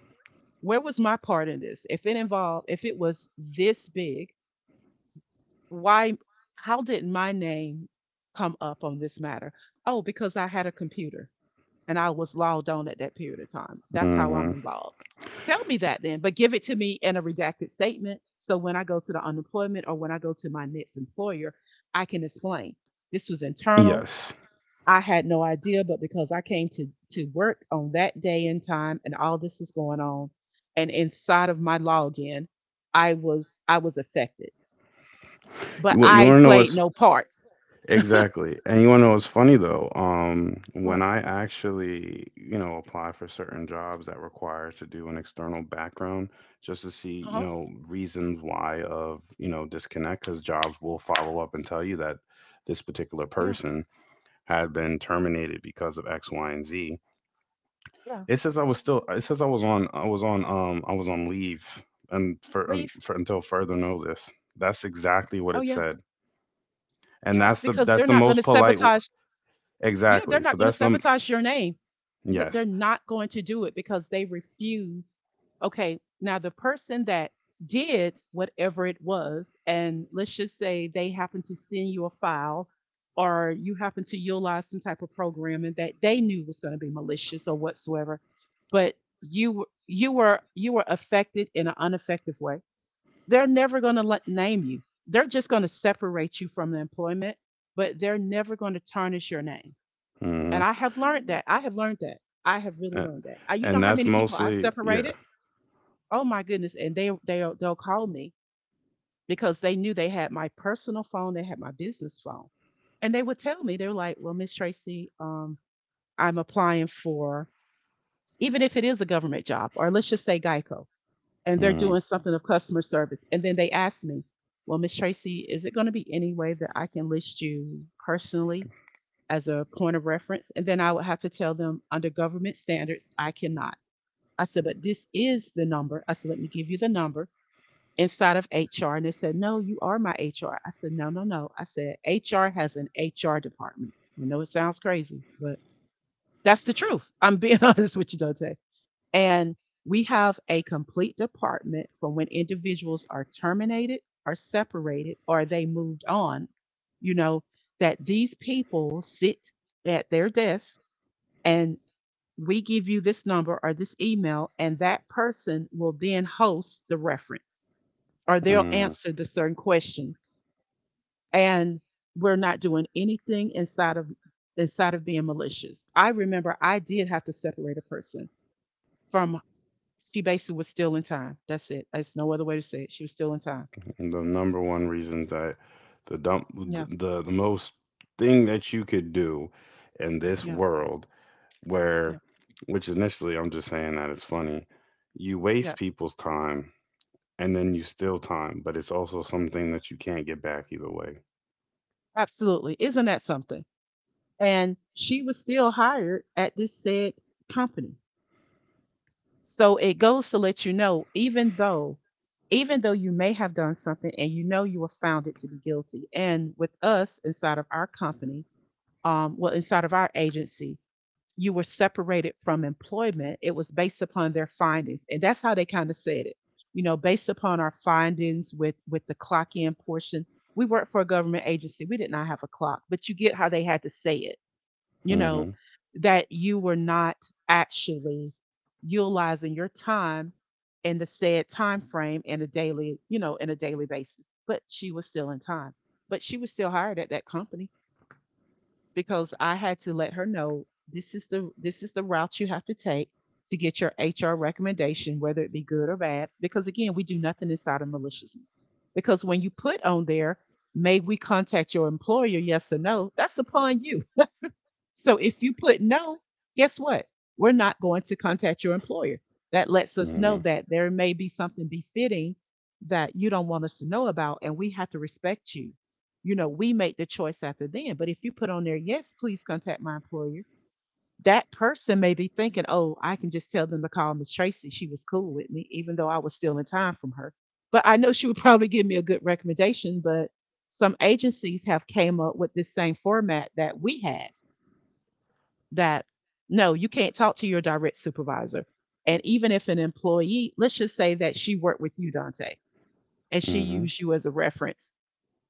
Speaker 2: where was my part in this? If it was this big, why, how did my name come up on this matter? Oh, because I had a computer and I was logged on at that period of time. That's how
Speaker 1: mhm.
Speaker 2: I'm involved. Tell me that then, but give it to me in a redacted statement. So when I go to the unemployment or when I go to my next employer, I can explain this was internal.
Speaker 1: Yes.
Speaker 2: I had no idea, but because I came to work on that day and time, and all this was going on, and inside of my login, I was affected, but
Speaker 1: You
Speaker 2: I
Speaker 1: want to know
Speaker 2: played
Speaker 1: what's
Speaker 2: no part.
Speaker 1: exactly, and you want to know what's funny though? When
Speaker 2: What?
Speaker 1: I actually, you know, apply for certain jobs that require to do an external background just to see,
Speaker 2: Uh
Speaker 1: you
Speaker 2: huh.
Speaker 1: know, reasons why of, you know, disconnect, because jobs will follow up and tell you that this particular
Speaker 2: Yeah.
Speaker 1: person had been terminated because of X, Y, and Z.
Speaker 2: Yeah.
Speaker 1: It says I was still. It says I was on. I was on leave, and for, un
Speaker 2: Leave.
Speaker 1: for until further notice. That's exactly what
Speaker 2: Oh
Speaker 1: it
Speaker 2: yeah.
Speaker 1: said, and
Speaker 2: Yeah.
Speaker 1: that's the
Speaker 2: Because
Speaker 1: that's
Speaker 2: they're
Speaker 1: the
Speaker 2: not going to
Speaker 1: most polite.
Speaker 2: sabotage. Yeah, they're
Speaker 1: Exactly.
Speaker 2: not
Speaker 1: So
Speaker 2: going to
Speaker 1: that's the,
Speaker 2: sabotage your name. They're
Speaker 1: yes.
Speaker 2: not going to do it because they refuse. Okay, now the person that did whatever it was, and let's just say they happen to send you a file or you happen to utilize some type of programming that they knew was going to be malicious or whatsoever, but you were affected in an unaffected way. They're never going to let name you. They're just going to separate you from the employment, but they're never going to tarnish your name
Speaker 1: Hmm.
Speaker 2: and I have learned that. I have learned that. I have really learned that. You know
Speaker 1: And
Speaker 2: how
Speaker 1: that's
Speaker 2: many people I
Speaker 1: mostly, yeah.
Speaker 2: separated? Oh my goodness! And they they'll call me because they knew they had my personal phone, they had my business phone, and they would tell me, they were like, "Well, Miss Tracy, I'm applying for, even if it is a government job, or let's just say Geico, and they're
Speaker 1: Hmm.
Speaker 2: doing something of customer service." And then they ask me, "Well, Miss Tracy, is it going to be any way that I can list you personally as a point of reference?" And then I would have to tell them, under government standards, I cannot. I said, but this is the number. I said, let me give you the number inside of HR. And they said, no, you are my HR. I said, no, no, no. I said, HR has an HR department. I know it sounds crazy, but that's the truth. I'm being <laughs> honest with you, Dante. And we have a complete department for when individuals are terminated, are separated, or they moved on, you know, that these people sit at their desk, and we give you this number or this email, and that person will then host the reference or they'll
Speaker 1: Hmm.
Speaker 2: answer the certain questions. And we're not doing anything inside of being malicious. I remember I did have to separate a person from, she basically was still in time. That's it. There's no other way to say it. She was still in time.
Speaker 1: The number one reason that the dump
Speaker 2: Yeah,
Speaker 1: the most thing that you could do in this
Speaker 2: yeah,
Speaker 1: world, where
Speaker 2: yeah,
Speaker 1: which initially I'm just saying that it's funny. You waste
Speaker 2: yeah.
Speaker 1: people's time, and then you steal time, but it's also something that you can't get back either way.
Speaker 2: Absolutely. Isn't that something? And she was still hired at this said company. So it goes to let you know, even though, you may have done something and you know you were founded to be guilty. And with us inside of our company, well, inside of our agency, you were separated from employment. It was based upon their findings, and that's how they kind of said it. You know, based upon our findings with the clock in portion. We worked for a government agency. We did not have a clock, but you get how they had to say it, you know,
Speaker 1: Mhm.
Speaker 2: that you were not actually utilizing your time in the said time frame in a daily, you know, in a daily basis. But she was still in time. But she was still hired at that company because I had to let her know, this is the route you have to take to get your HR recommendation, whether it be good or bad. Because again, we do nothing inside of maliciousness. Because when you put on there, may we contact your employer, yes or no, that's upon you. So if you put no, guess what? We're not going to contact your employer. That lets us know
Speaker 1: Mhm.
Speaker 2: that there may be something befitting that you don't want us to know about, and we have to respect you. You know, we make the choice after then. But if you put on there, yes, please contact my employer, that person may be thinking, oh, I can just tell them to call Miss Tracy. She was cool with me, even though I was stealing time from her. But I know she would <laughs> probably give me a good recommendation. But some agencies have came up with this same format that we had, that no, you can't talk to your direct supervisor. And even if an employee, let's just say that she worked with you, Dante, and she
Speaker 1: Mhm.
Speaker 2: used you as a reference,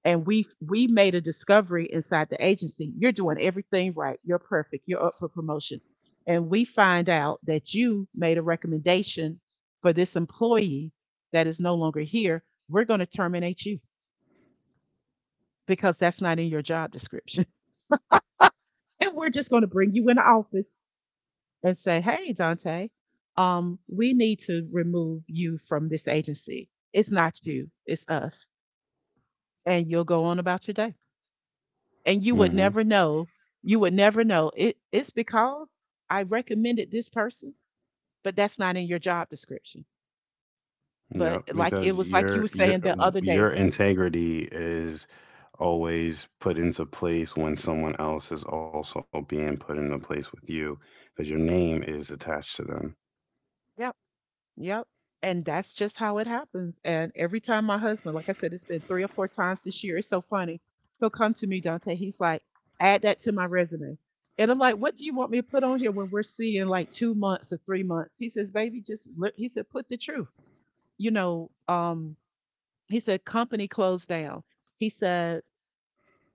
Speaker 2: and we made a discovery inside the agency. You're doing everything right. You're perfect. You're up for promotion. And we find out that you made a recommendation for this employee that is no longer here. We're going to terminate you because that's not in your job description. <laughs> And we're just going to bring you in the office and say, "Hey, Dante, we need to remove you from this agency. It's not you, it's us." And you'll go on about your day, and you would
Speaker 1: Mhm.
Speaker 2: never know. You would never know. It's because I recommended this person, but that's not in your job description.
Speaker 1: Yeah,
Speaker 2: But like
Speaker 1: because
Speaker 2: it was
Speaker 1: your
Speaker 2: like you were
Speaker 1: your
Speaker 2: saying the other
Speaker 1: your
Speaker 2: day.
Speaker 1: integrity is always put into place when someone else is also being put into place with you because your name is attached to them.
Speaker 2: Yeah. Yep. And that's just how it happens. And every time my husband, like I said, it's been three or four times this year. It's so funny. He'll come to me. Dante, he's like, add that to my resume. And I'm like, what do you want me to put on here when we're seeing like two months or three months? He says, baby, just, he said, put the truth. You know, he said, company closed down. He said,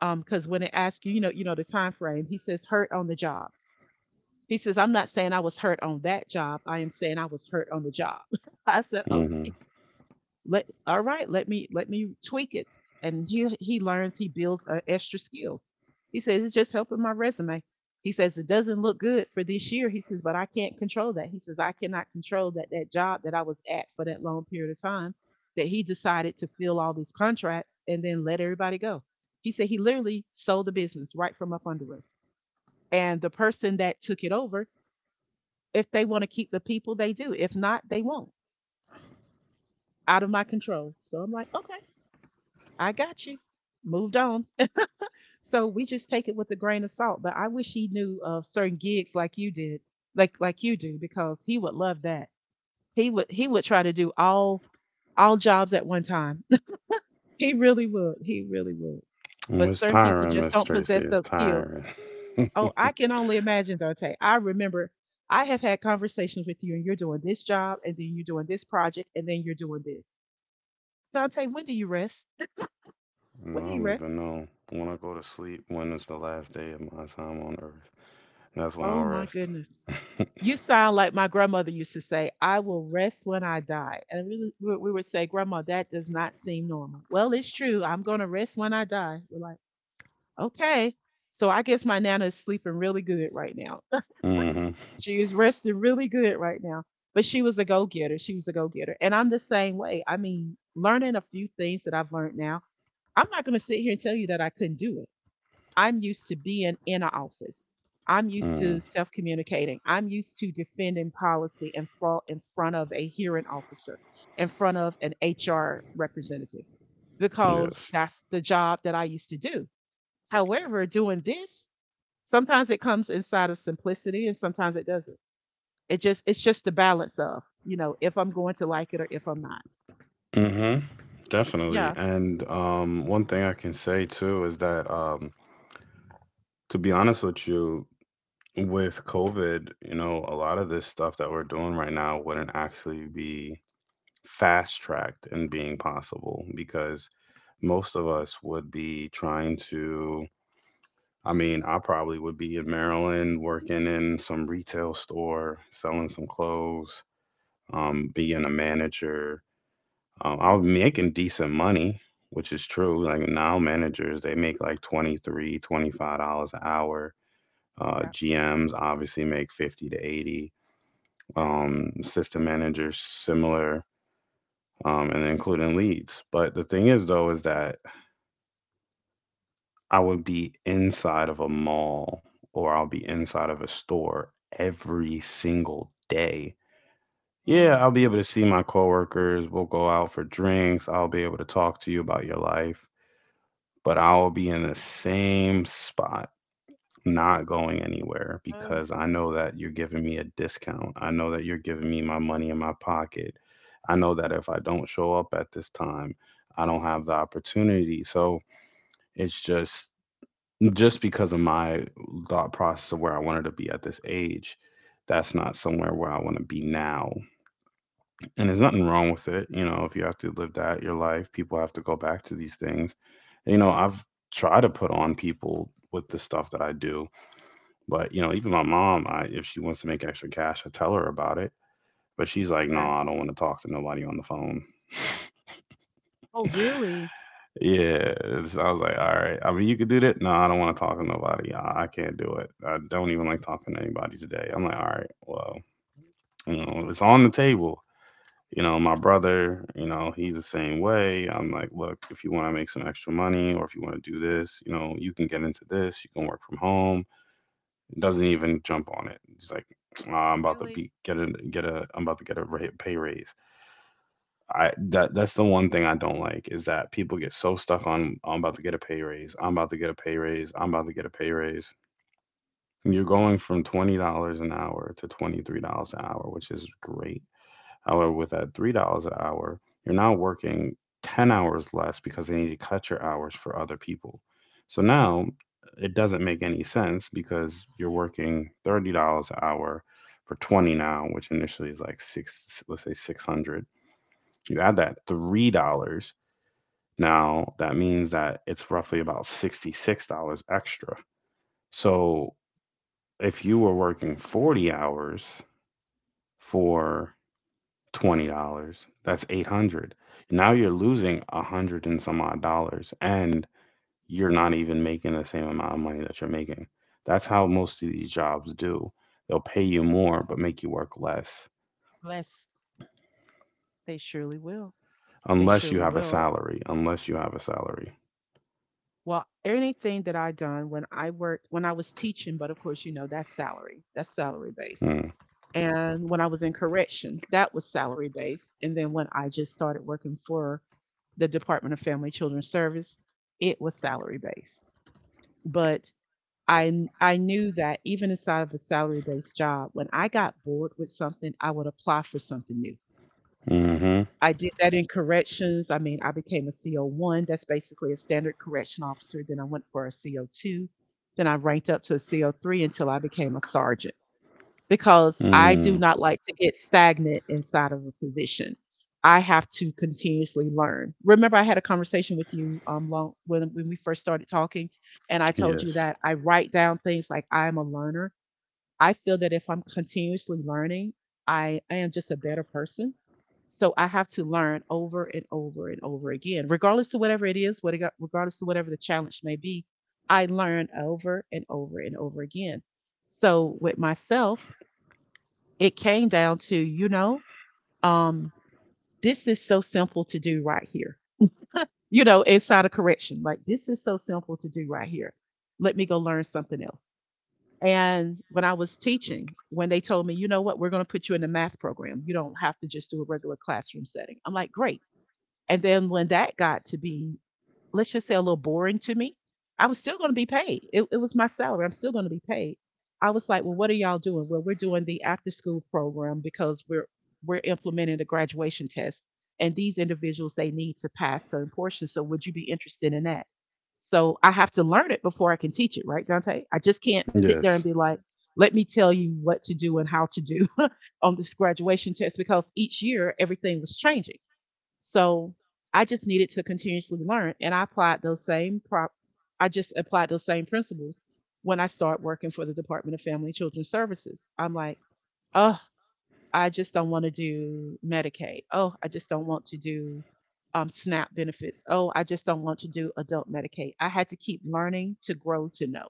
Speaker 2: because when it asks you, you know, the time frame, he says, hurt on the job. He says, I'm not saying I was hurt on that job. I am saying I was hurt on the job. <laughs> I said,
Speaker 1: Mhm.
Speaker 2: let all right, let me tweak it. And he learns, he builds extra skills. He says it's just helping my resume. He says it doesn't look good for this year. He says, but I can't control that. He says, I cannot control that, that job that I was at for that long period of time, that he decided to fill all these contracts and then let everybody go. He said he literally sold the business right from up under us, and the person that took it over, if they want to keep the people they do, if not they won't. Out of my control, so I'm like, okay, I got you. Moved on. So we just take it with a grain of salt. But I wish he knew of certain gigs like you did, like you do, because he would love that. He would try to do all jobs at one time. <laughs> He really would. He really would.
Speaker 1: Well,
Speaker 2: But
Speaker 1: it's
Speaker 2: certain people
Speaker 1: tiring,
Speaker 2: just
Speaker 1: Miss
Speaker 2: don't
Speaker 1: Tracy.
Speaker 2: possess
Speaker 1: It's
Speaker 2: those skills.
Speaker 1: tiring. <laughs>
Speaker 2: Oh, I can only imagine, Dante. I remember I have had conversations with you, and you're doing this job, and then you're doing this project, and then you're doing this. Dante, when do you rest?
Speaker 1: I
Speaker 2: When do you
Speaker 1: don't
Speaker 2: rest?
Speaker 1: even know. When I go to sleep, when is the last day of my time on earth? That's when I'll
Speaker 2: Oh my
Speaker 1: rest.
Speaker 2: goodness.
Speaker 1: <laughs>
Speaker 2: You sound like my grandmother used to say, I will rest when I die. And we would say, Grandma, that does not seem normal. Well, it's true. I'm going to rest when I die. We're like, okay. So I guess my Nana is sleeping really good right now. <laughs>
Speaker 1: Mm-hmm.
Speaker 2: She is resting really good right now. But she was a go getter. She was a go getter. And I'm the same way. I mean, learning a few things that I've learned now, I'm not going to sit here and tell you that I couldn't do it. I'm used to being in an office. I'm used
Speaker 1: Mm.
Speaker 2: to self communicating. I'm used to defending policy front in front of a hearing officer, in front of an HR representative, because
Speaker 1: Yes.
Speaker 2: that's the job that I used to do. However, doing this, sometimes it comes inside of simplicity and sometimes it doesn't. It's just the balance of, you know, if I'm going to like it or if I'm not.
Speaker 1: Mm-hmm. Definitely.
Speaker 2: Yeah.
Speaker 1: And one thing I can say too is that, to be honest with you, with COVID, you know, a lot of this stuff that we're doing right now wouldn't actually be fast tracked and being possible because most of
Speaker 2: Mhm,
Speaker 1: us would be trying to, I mean, I probably would be in Maryland working in some retail store, selling some clothes, being a manager.
Speaker 2: mhm.
Speaker 1: I was making decent money, which is true. Like now, managers, they make like 23, $25 an hour.
Speaker 2: Yep,
Speaker 1: GMs obviously make 50 to 80.
Speaker 2: yep,
Speaker 1: System managers, similar, and including leads. But the thing is, though, is
Speaker 2: yep.
Speaker 1: that I would be inside of a mall or I'll be inside of a store every single day. Yeah,
Speaker 2: Oh,
Speaker 1: I'll be able to
Speaker 2: goodness.
Speaker 1: see my coworkers. We'll go out for drinks. I'll be able to talk to you about your life, but I'll be in the same spot, not going anywhere
Speaker 2: Oh,
Speaker 1: because I know that you're giving me a discount. I know that you're giving me my money in my pocket. I know that if I don't show up at this time, I don't have the opportunity. So it's just because of my thought process of where I wanted to be at this age, that's not somewhere where I want to be now. And there's nothing wrong with it. You know, if you have to live that, your life, people have to go back to these things. You know, I've tried to put on people with the stuff that I do, but, you know, even my mom, I, if she wants to make extra cash, I tell her about it. But she's like, "No,
Speaker 2: okay.
Speaker 1: I don't want to talk to nobody on the phone."
Speaker 2: Oh, really?
Speaker 1: Yeah, I was like, "All right. I mean, you could do that." "No, I don't want to talk to nobody. I can't do it. I don't even like talking to anybody today." I'm like, "All right, well, you know, it's on the table." You know, my brother, you know, he's the same way. I'm like, "Look, if you want to make some extra money or if you want to do this, you know, you can get into this. You can work from home." Doesn't even jump on it. He's like, "Ah, I'm about to
Speaker 2: Really?
Speaker 1: be get a I'm about to get a ra- pay raise." I that that's the one thing I don't like, is that people get so stuck on "I'm about to get a pay raise. I'm about to get a pay raise. I'm about to get a pay raise." And you're going from $20 an hour to $23 an hour, which is great. However, with that $3 an hour, you're now working 10 hours less because they need to cut your hours for other people. So now it doesn't make any sense because you're working $30 an hour for 20 now, which initially is like six let's say 600, you add that $3, now that means that it's roughly about $66 extra. So if you were working 40 hours for $20, that's 800. Now you're losing a 100 and some odd dollars, and you're not even making the same amount of money that you're making. That's how most of these jobs do. They'll pay you more but make you work less,
Speaker 2: Bless. They surely will. They
Speaker 1: unless you
Speaker 2: surely
Speaker 1: have a
Speaker 2: will.
Speaker 1: salary, unless you have a salary.
Speaker 2: Well, anything that I done when I worked, when I was teaching, but of course, you know, that's salary. That's salary based.
Speaker 1: Mm.
Speaker 2: And when I was in correction, that was salary based. And then when I just started working for the Department of Family Children's Service, it was salary based. But I I knew that even inside of a salary based job, when I got bored with something, I would apply for something new.
Speaker 1: Mhm.
Speaker 2: I did that in corrections. I mean, I became a CO1. That's basically a standard correction officer. Then I went for a CO2. Then I ranked up to a CO3 until I became a sergeant, because I do
Speaker 1: Mm.
Speaker 2: not like to get stagnant inside of a position. I have to continuously learn. Remember, I had a conversation with you long, when we first started talking, and I told you
Speaker 1: Yes.
Speaker 2: that I write down things, like I'm a learner. I feel that if I'm continuously learning, I am just a better person. So I have to learn over and over and over again, regardless of whatever it is, what regardless of whatever the challenge may be. I learn over and over and over again. So with myself, it came down to, you know, um, this is so simple to do right here. You know, inside of correction, like this is so simple to do right here. Let me go learn something else. And when I was teaching, when they told me, you know what, we're going to put you in a math program. You don't have to just do a regular classroom setting. I'm like, great. And then when that got to be, let's just say, a little boring to me, I was still going to be paid. It was my salary. I'm still going to be paid. I was like, well, what are y'all doing? Well, we're doing the after school program because we're implementing the graduation test, and these individuals they need to pass certain portions. So, would you be interested in that? So, I have to learn it before I can teach it, right, Dante? I just can't sit there
Speaker 1: Yes.
Speaker 2: and be like, let me tell you what to do and how to do <laughs> on this graduation test because each year everything was changing. So I just needed to continuously learn, and I applied those same prop. I just applied those same principles when I start working for the Department of Family and Children's Services. I'm like, oh, I just don't want to do Medicaid. Oh, I just don't want to do SNAP benefits. Oh, I just don't want to do adult Medicaid. I had to keep learning to grow to know,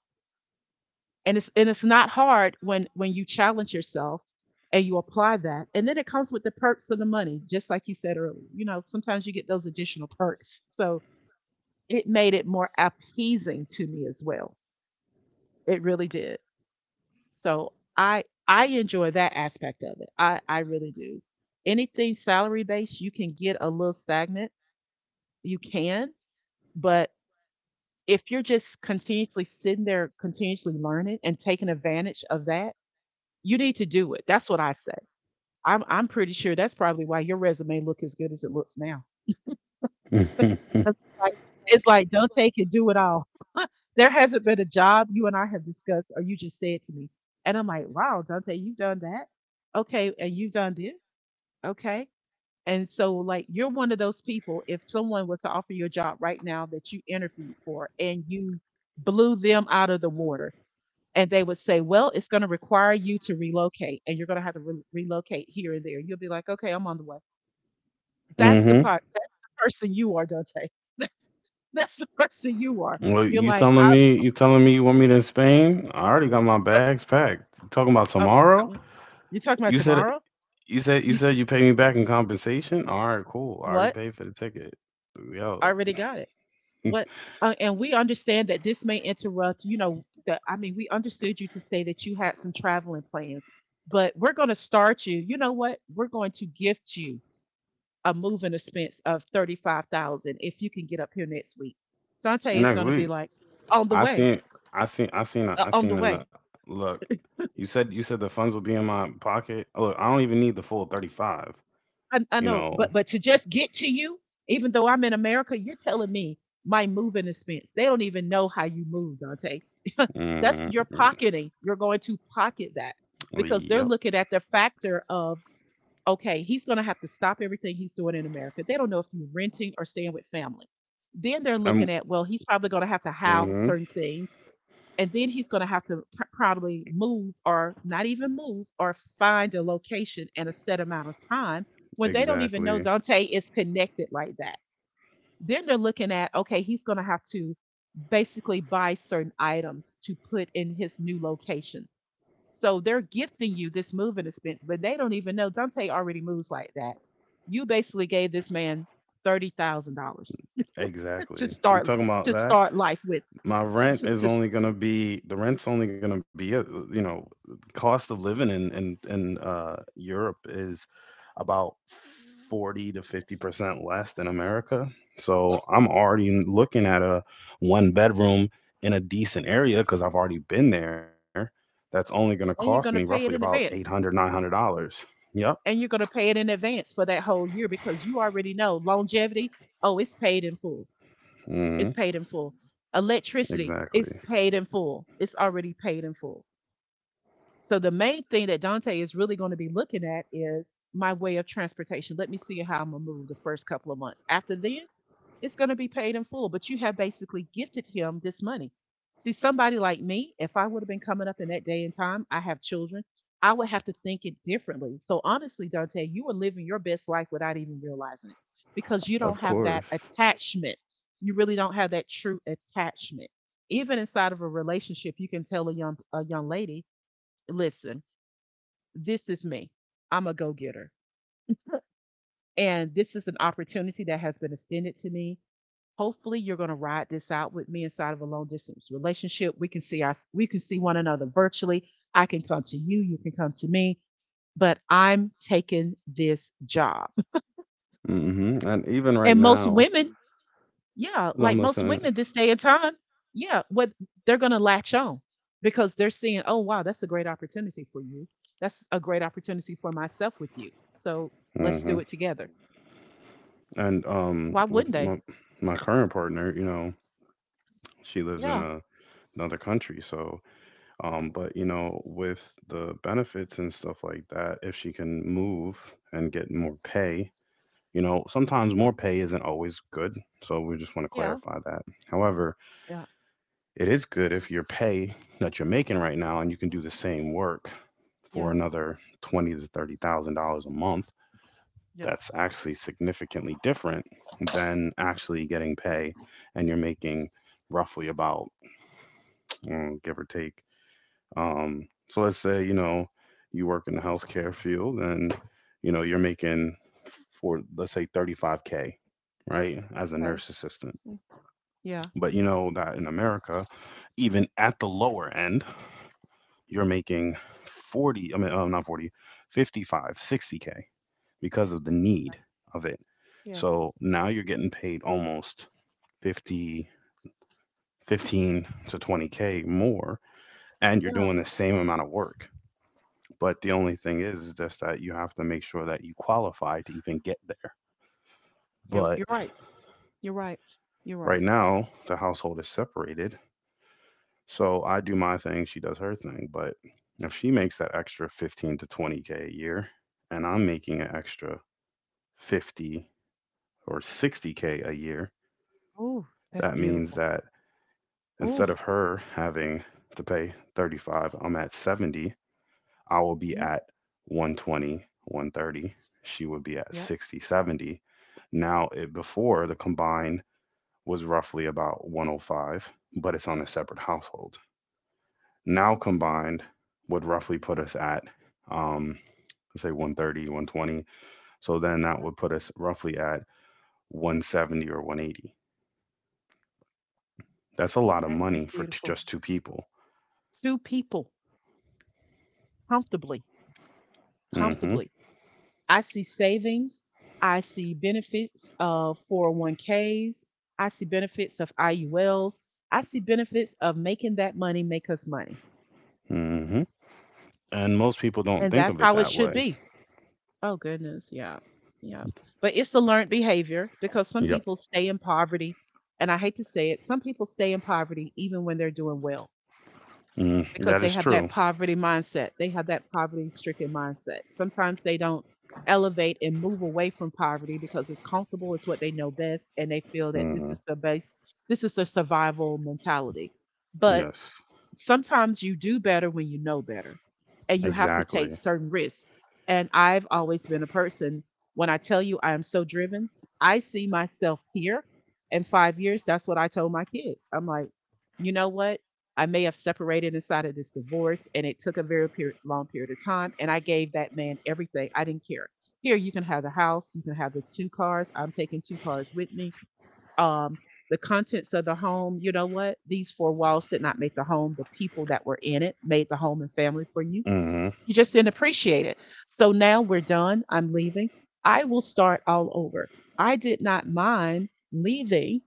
Speaker 2: and it's not hard when you challenge yourself and you apply that. And then it comes with the perks of the money, just like you said earlier. You know, sometimes you get those additional perks, so it made it more appeasing to me as well. It really did. So I enjoy that aspect of it. I really do. Anything salary based, you can get a little stagnant. You can. But if you're just continuously sitting there, continuously learning and taking advantage of that, you need to do it. That's what I say. I'm pretty sure that's probably why your resume look as good as it looks now.
Speaker 1: <laughs>
Speaker 2: 'Cause it's like "Don't take it, do it all." <laughs> There hasn't been a job you and I have discussed or you just said to me, and I'm like, "Wow, Dante, you've done that? Okay, and you've done this? Okay." And so, like, you're one of those people, if someone was to offer you a job right now that you interviewed for and you blew them out of the water, and they would say, "Well, it's gonna require you to relocate, and you're gonna have to re relocate here and there." You'll be like, "Okay, I'm on the way." That's the
Speaker 1: Mm-hmm.
Speaker 2: part. That's the person you are, Dante. <laughs> That's the person you are.
Speaker 1: Well,
Speaker 2: You're
Speaker 1: you
Speaker 2: like,
Speaker 1: telling me you telling me you want me to in Spain? I already got my
Speaker 2: I, uh,
Speaker 1: bags packed. You talking about tomorrow?
Speaker 2: come on. You're talking about
Speaker 1: You said
Speaker 2: tomorrow?
Speaker 1: you said you
Speaker 2: You
Speaker 1: said you pay me back in compensation? All right, cool. I already
Speaker 2: what?
Speaker 1: paid for the ticket. We
Speaker 2: I
Speaker 1: out
Speaker 2: already got it.
Speaker 1: <laughs>
Speaker 2: What? And we understand that this may interrupt. You know, we understood you to say that you had some traveling plans, but we're going to start you. You know what? We're going to gift you a moving expense of 35,000 if you can get up here next week. Dante is
Speaker 1: next
Speaker 2: going to be
Speaker 1: week.
Speaker 2: like, on the
Speaker 1: I
Speaker 2: way,
Speaker 1: seen I seen I
Speaker 2: on the
Speaker 1: seen a
Speaker 2: way.
Speaker 1: look. You said the funds will be in my pocket. Look, I don't even need the full 35.
Speaker 2: I
Speaker 1: You
Speaker 2: know,
Speaker 1: know.
Speaker 2: but to just get to you, even though I'm in America, you're telling me my moving expense. They don't even know how you move, Dante. <laughs> That's
Speaker 1: Mm-hmm.
Speaker 2: You're going to pocket that because they're
Speaker 1: Yep.
Speaker 2: looking at the factor of, okay, he's going to have to stop everything he's doing in America. They don't know if you're renting or staying with family. Then they're looking
Speaker 1: I'm.
Speaker 2: at, well, he's probably going to have to house
Speaker 1: Mm-hmm.
Speaker 2: certain things, and then he's going to have to probably move or not even move or find a location in a set amount of time when they don't even know
Speaker 1: Exactly.
Speaker 2: Dante is connected like that. Then they're looking at, okay, he's going to have to basically buy certain items to put in his new location. So they're gifting you this moving expense, but they don't even know Dante already moves like that. You basically gave this man $30,000 to
Speaker 1: Exactly. You
Speaker 2: start
Speaker 1: talking about
Speaker 2: to
Speaker 1: that?
Speaker 2: start life with
Speaker 1: My rent is
Speaker 2: to
Speaker 1: only gonna be The rent's only gonna be a, you know, cost of living in Europe is about 40 to 50% less than America. So I'm already looking at a one bedroom in a decent area because I've already been there. That's only gonna cost me
Speaker 2: and you're
Speaker 1: roughly
Speaker 2: going to
Speaker 1: about
Speaker 2: pay it in
Speaker 1: 800
Speaker 2: advance.
Speaker 1: 900 dollars. Yep.
Speaker 2: And you're going to pay it in advance for that whole year because you already know longevity. Oh, it's paid in full.
Speaker 1: Hmm.
Speaker 2: It's paid in full. Electricity, it's
Speaker 1: Exactly.
Speaker 2: paid in full. It's already paid in full. So the main thing that Dante is really going to be looking at is my way of transportation. Let me see how I'm gonna move the first couple of months. After then, it's gonna be paid in full. But you have basically gifted him this money. See, somebody like me, if I would have been coming up in that day and time, I have children, I would have to think it differently. So honestly, Dante, you are living your best life without even realizing it because you
Speaker 1: Of
Speaker 2: don't have
Speaker 1: course.
Speaker 2: that attachment. You really don't have that true attachment. Even inside of a relationship, you can tell a young lady, listen, this is me. I'm a go getter. And this is an opportunity that has been extended to me. Hopefully you're going to ride this out with me inside of a long distance relationship. We can see one another virtually. I can come to you, you can come to me, but I'm taking this job.
Speaker 1: Hmm. And even right
Speaker 2: And most
Speaker 1: now,
Speaker 2: women. Yeah,
Speaker 1: I'm
Speaker 2: like most
Speaker 1: listening.
Speaker 2: women this day and time, yeah, what they're gonna latch on because they're seeing, oh wow, that's a great opportunity for you. That's a great opportunity for myself with you. So let's do it together.
Speaker 1: And
Speaker 2: Why
Speaker 1: with
Speaker 2: wouldn't they?
Speaker 1: my my current partner, she lives in
Speaker 2: Yeah,
Speaker 1: another country, so but with the benefits and stuff like that, if she can move and get more pay. Sometimes more pay isn't always good, so we just want to
Speaker 2: yeah,
Speaker 1: clarify that. However,
Speaker 2: yeah,
Speaker 1: it is good if your pay that you're making right now, and you can do the same work
Speaker 2: yeah,
Speaker 1: for another 20 to 30 thousand dollars a month.
Speaker 2: yeah.
Speaker 1: That's actually significantly different than actually getting pay, and you're making roughly about, give or take. So let's say you work in the healthcare field. And you're making, for let's say, 35K, right, as a
Speaker 2: Okay.
Speaker 1: nurse assistant.
Speaker 2: Mm, yeah.
Speaker 1: But you know that in America, even at the lower end, you're making 40, I mean, not 40, 55, 60K, because of the need of it.
Speaker 2: Yes.
Speaker 1: So now you're getting paid almost 50, 15 to 20K more, and you're
Speaker 2: Yeah.
Speaker 1: doing the same amount of work. But the only thing is just that you have to make sure that you qualify to even get there.
Speaker 2: Yeah.
Speaker 1: But
Speaker 2: You're right. You're right. You're
Speaker 1: right
Speaker 2: right.
Speaker 1: now, the household is separated. So I do my thing, she does her thing. But if she makes that extra 15 to 20K a year, and I'm making an extra 50 or 60K a year,
Speaker 2: Oh, that's
Speaker 1: that means
Speaker 2: beautiful.
Speaker 1: that instead of
Speaker 2: Oh.
Speaker 1: her having to pay 35, I'm at 70. I will be
Speaker 2: Hmm.
Speaker 1: at 120, 130. She would be at
Speaker 2: Yeah.
Speaker 1: 60, 70. Now, before the combined was roughly about 105, but it's on a separate household. Now combined would roughly put us at um, let's say 130, 120. So then that
Speaker 2: That
Speaker 1: would put us roughly at 170 or 180. That's a lot of
Speaker 2: that is
Speaker 1: money for
Speaker 2: beautiful.
Speaker 1: just two people.
Speaker 2: Two people, comfortably,
Speaker 1: Hmm.
Speaker 2: comfortably. I see savings. I see benefits of 401ks. I see benefits of IULs. I see benefits of making that money make us money.
Speaker 1: Hmm. And most people don't
Speaker 2: And
Speaker 1: think
Speaker 2: that's
Speaker 1: of it
Speaker 2: how it
Speaker 1: that
Speaker 2: should
Speaker 1: way.
Speaker 2: be. Oh, goodness. Yeah. Yeah. But it's a learned behavior because some
Speaker 1: Yep.
Speaker 2: people stay in poverty. And I hate to say it, some people stay in poverty even when they're doing well.
Speaker 1: Mm,
Speaker 2: Because
Speaker 1: that
Speaker 2: they
Speaker 1: is
Speaker 2: have that
Speaker 1: true.
Speaker 2: poverty mindset. They have that poverty-stricken mindset. Sometimes they don't elevate and move away from poverty because it's comfortable, it's what they know best, and they feel that this
Speaker 1: Hmm.
Speaker 2: is the base, this is their survival mentality. But
Speaker 1: Yes.
Speaker 2: sometimes you do better when you know better and you have to take
Speaker 1: Exactly.
Speaker 2: certain risks. And I've always been a person, when I tell you I am so driven, I see myself here in 5 years. That's what I told my kids. I'm like, you know what? I may have separated inside of this divorce and it took a very long period of time. And I gave that man everything. I didn't care. Here, you can have the house, you can have the two cars. I'm taking two cars with me, um, the contents of the home. You know what? These four walls did not make the home. The people that were in it made the home and family for you.
Speaker 1: Hmm.
Speaker 2: You just didn't appreciate it. So now we're done. I'm leaving. I will start all over. I did not mind leaving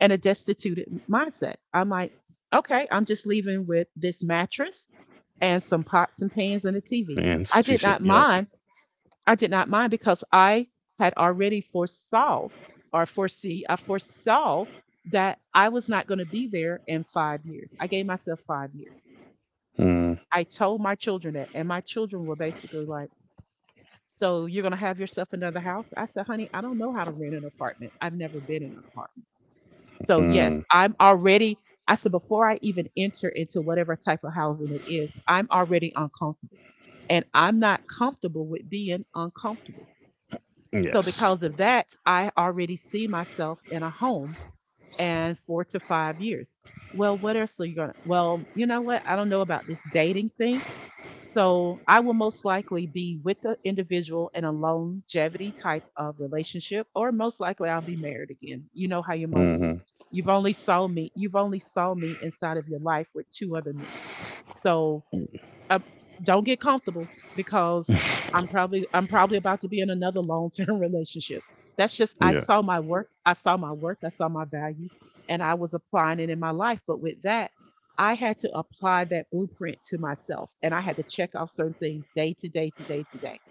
Speaker 2: in a destitute mindset. I'm like, okay, I'm just leaving with this mattress and some pots and pans and a TV.
Speaker 1: And
Speaker 2: I
Speaker 1: she
Speaker 2: did
Speaker 1: should.
Speaker 2: not
Speaker 1: Yep.
Speaker 2: mind I did not mind because I had already I foresaw that I was not going to be there in 5 years. I gave myself 5 years. I told my children that, and my children were basically like, so you're going to have yourself another house? I said, honey, I don't know how to rent an apartment. I've never been in an apartment. So,
Speaker 1: Mm-hmm.
Speaker 2: yes, I'm already, I said, before I even enter into whatever type of housing it is, I'm already uncomfortable. And I'm not comfortable with being uncomfortable. So,
Speaker 1: Yes.
Speaker 2: because of that, I already see myself in a home and 4 to 5 years. Well, what else are you going to? Well, you know what? I don't know about this dating thing. So, I will most likely be with the individual in a longevity type of relationship, or most likely I'll be married again. You know how your mother is.
Speaker 1: Hmm.
Speaker 2: You've only saw me inside of your life with two other men. So uh, don't get comfortable because
Speaker 1: <laughs>
Speaker 2: I'm probably about to be in another long term <laughs> relationship. That's just
Speaker 1: Yeah.
Speaker 2: I saw my work, I saw my value, and I was applying it in my life. But with that, I had to apply that blueprint to myself, and I had to check off certain things day to day to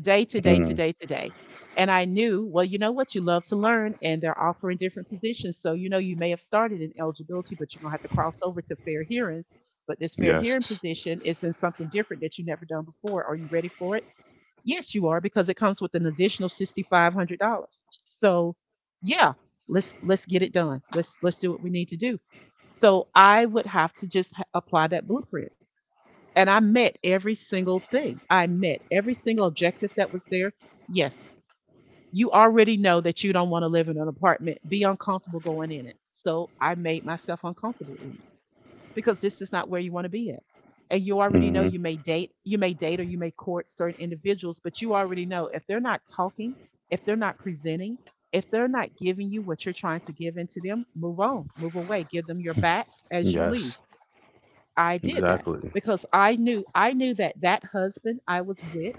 Speaker 2: day to day to
Speaker 1: Mm.
Speaker 2: day to day. And I knew, well, you know what? You love to learn, and they're offering different positions. So, you know, you may have started in eligibility, but you're going to have to cross over to fair hearings. But this fair hearing
Speaker 1: Yes.
Speaker 2: position is in something different that you've never done before. Are you ready for it? Yes, you are, because it comes with an additional $6,500. So, yeah, let's get it done. Let's do what we need to do. So I would have to just apply that blueprint. And I met every single thing. I met every single objective that was there. Yes, you already know that you don't want to live in an apartment, be uncomfortable going in it. So I made myself uncomfortable in it because this is not where you want to be at. And you already know
Speaker 1: Hmm.
Speaker 2: you may date or you may court certain individuals, but you already know if they're not talking, if they're not presenting, if they're not giving you what you're trying to give into them, move on, move away, give them your back as you
Speaker 1: Yes.
Speaker 2: leave. I did that
Speaker 1: Exactly.
Speaker 2: because I knew that that husband I was with,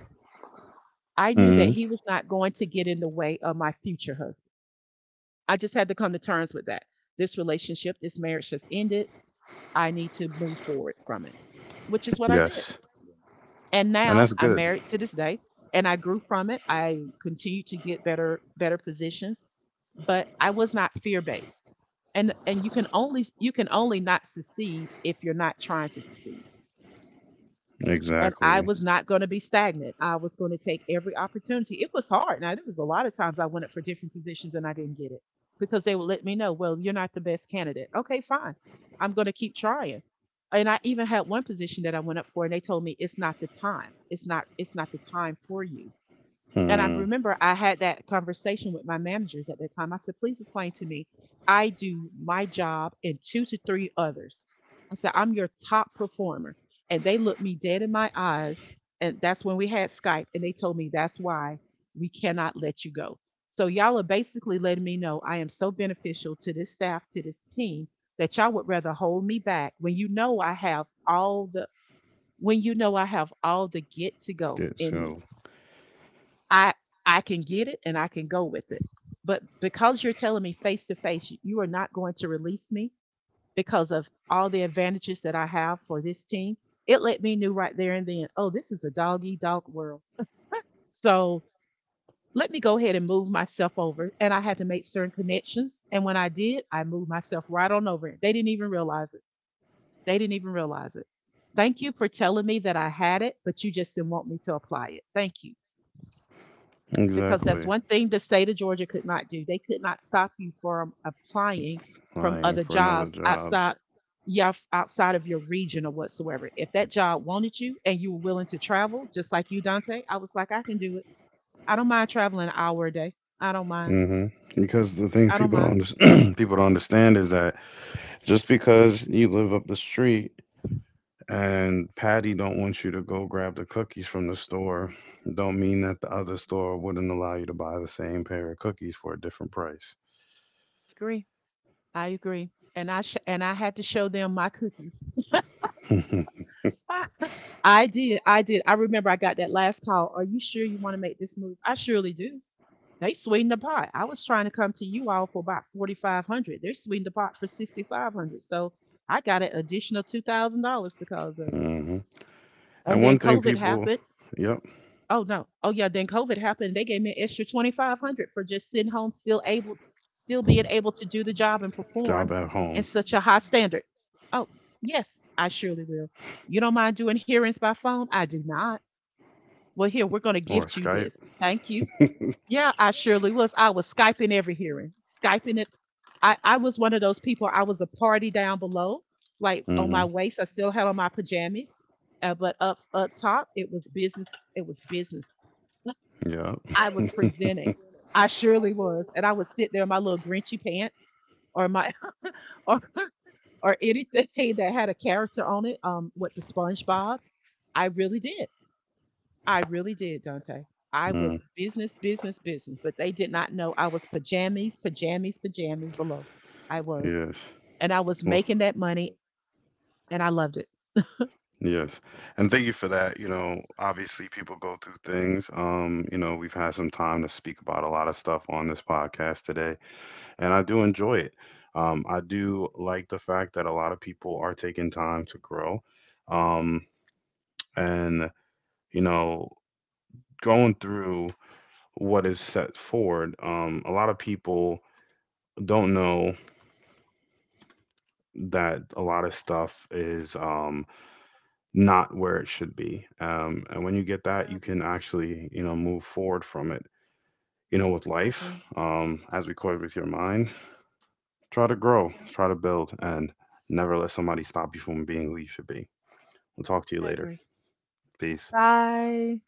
Speaker 2: I knew that
Speaker 1: Hmm.
Speaker 2: he was not going to get in the way of my future husband. I just had to come to terms with that. This relationship, this marriage has ended. I need to move forward from it, which is what I
Speaker 1: Yes.
Speaker 2: did. And
Speaker 1: And that's
Speaker 2: now
Speaker 1: good.
Speaker 2: I'm married to this day and I grew from it. I continue to get better positions, but I was not fear-based. And you can only not succeed if you're not trying to succeed. And I
Speaker 1: Exactly.
Speaker 2: was not going to be stagnant. I was going to take every opportunity. It was hard. Now, there was a lot of times I went up for different positions and I didn't get it because they would let me know, well, you're not the best candidate. Okay, fine. I'm going to keep trying. And I even had one position that I went up for and they told me it's not the time. It's not the time for you. And I
Speaker 1: Mm.
Speaker 2: remember I had that conversation with my managers at that time. I said, please explain to me. I do my job and two to three others. I said, I'm your top performer. And they looked me dead in my eyes. And that's when we had Skype. And they told me that's why we cannot let you go. So y'all are basically letting me know I am so beneficial to this staff, to this team, that y'all would rather hold me back when you know I have all the get to go
Speaker 1: Yeah,
Speaker 2: in me.
Speaker 1: so
Speaker 2: I I can get it and I can go with it. But because you're telling me face to face, you are not going to release me because of all the advantages that I have for this team. It let me know right there and then, oh, this is a dog eat dog world. So let me go ahead and move myself over. And I had to make certain connections. And when I did, I moved myself right on over. They didn't even realize it. They didn't even realize it. Thank you for telling me that I had it, but you just didn't want me to apply it. Thank you. Because that's
Speaker 1: exactly.
Speaker 2: one thing the state of Georgia could not do. They could not stop you from applying from
Speaker 1: Lying
Speaker 2: other
Speaker 1: for another
Speaker 2: jobs outside.
Speaker 1: jobs.
Speaker 2: Yeah, outside of your region or whatsoever. If that job wanted you and you were willing to travel, just like you, Dante, I was like, I can do it. I don't mind traveling an hour a day. I don't mind.
Speaker 1: Hmm. Because the thing
Speaker 2: I don't
Speaker 1: people don't
Speaker 2: mind.
Speaker 1: under- <clears throat> people don't understand is that, just because you live up the street, and Patty don't want you to go grab the cookies from the store, don't mean that the other store wouldn't allow you to buy the same pair of cookies for a different price.
Speaker 2: I agree. I agree. And I had to show them my cookies.
Speaker 1: <laughs> Hmm.
Speaker 2: <laughs> I did. I did. I remember I got that last call. Are you sure you want to make this move? I surely do. They sweetened the pot. I was trying to come to you all for about $4,500. They sweetened the pot for $6,500. So I got an additional $2,000 because of it.
Speaker 1: And
Speaker 2: And then
Speaker 1: one thing
Speaker 2: COVID
Speaker 1: people,
Speaker 2: happened.
Speaker 1: yep,
Speaker 2: Oh no. Oh yeah. Then COVID happened. They gave me an extra $2,500 for just sitting home, still able, still being able to do the job and perform
Speaker 1: job at
Speaker 2: in
Speaker 1: home
Speaker 2: such a high standard. Oh yes, I surely will. You don't mind doing hearings by phone? I do not. Well, here we're going to
Speaker 1: or
Speaker 2: gift you
Speaker 1: Skype.
Speaker 2: this. Thank you.
Speaker 1: <laughs>
Speaker 2: Yeah, I surely was. I was Skyping every hearing, Skyping it. I was one of those people. I was a party down below, like on my
Speaker 1: Hmm.
Speaker 2: waist. I still had on my pajamas, but up top, it was business. It was business.
Speaker 1: Yep.
Speaker 2: I was
Speaker 1: <laughs>
Speaker 2: presenting. I surely was, and I would sit there in my little grinchy pants or my <laughs> or or anything that had a character on it. With the SpongeBob, I really did. I really did, Dante. I
Speaker 1: Mm,
Speaker 2: was business, business, business, but they did not know I was pajamas, pajamas, pajamas below. I was.
Speaker 1: yes.
Speaker 2: And I was
Speaker 1: Well,
Speaker 2: making that money and I loved it.
Speaker 1: yes. And thank you for that. Obviously people go through things. We've had some time to speak about a lot of stuff on this podcast today, and I do enjoy it. I do like the fact that a lot of people are taking time to grow. Um, and, you know, going through what is set forward, a lot of people don't know that a lot of stuff is not where it should be. And when you get that,
Speaker 2: Yeah,
Speaker 1: you can actually, move forward from it. With
Speaker 2: I
Speaker 1: life,
Speaker 2: agree.
Speaker 1: as we call it, with your mind, try to grow, try to build, and never let somebody stop you from being who you should be. We'll talk to you
Speaker 2: I
Speaker 1: later.
Speaker 2: agree.
Speaker 1: Peace.
Speaker 2: Bye.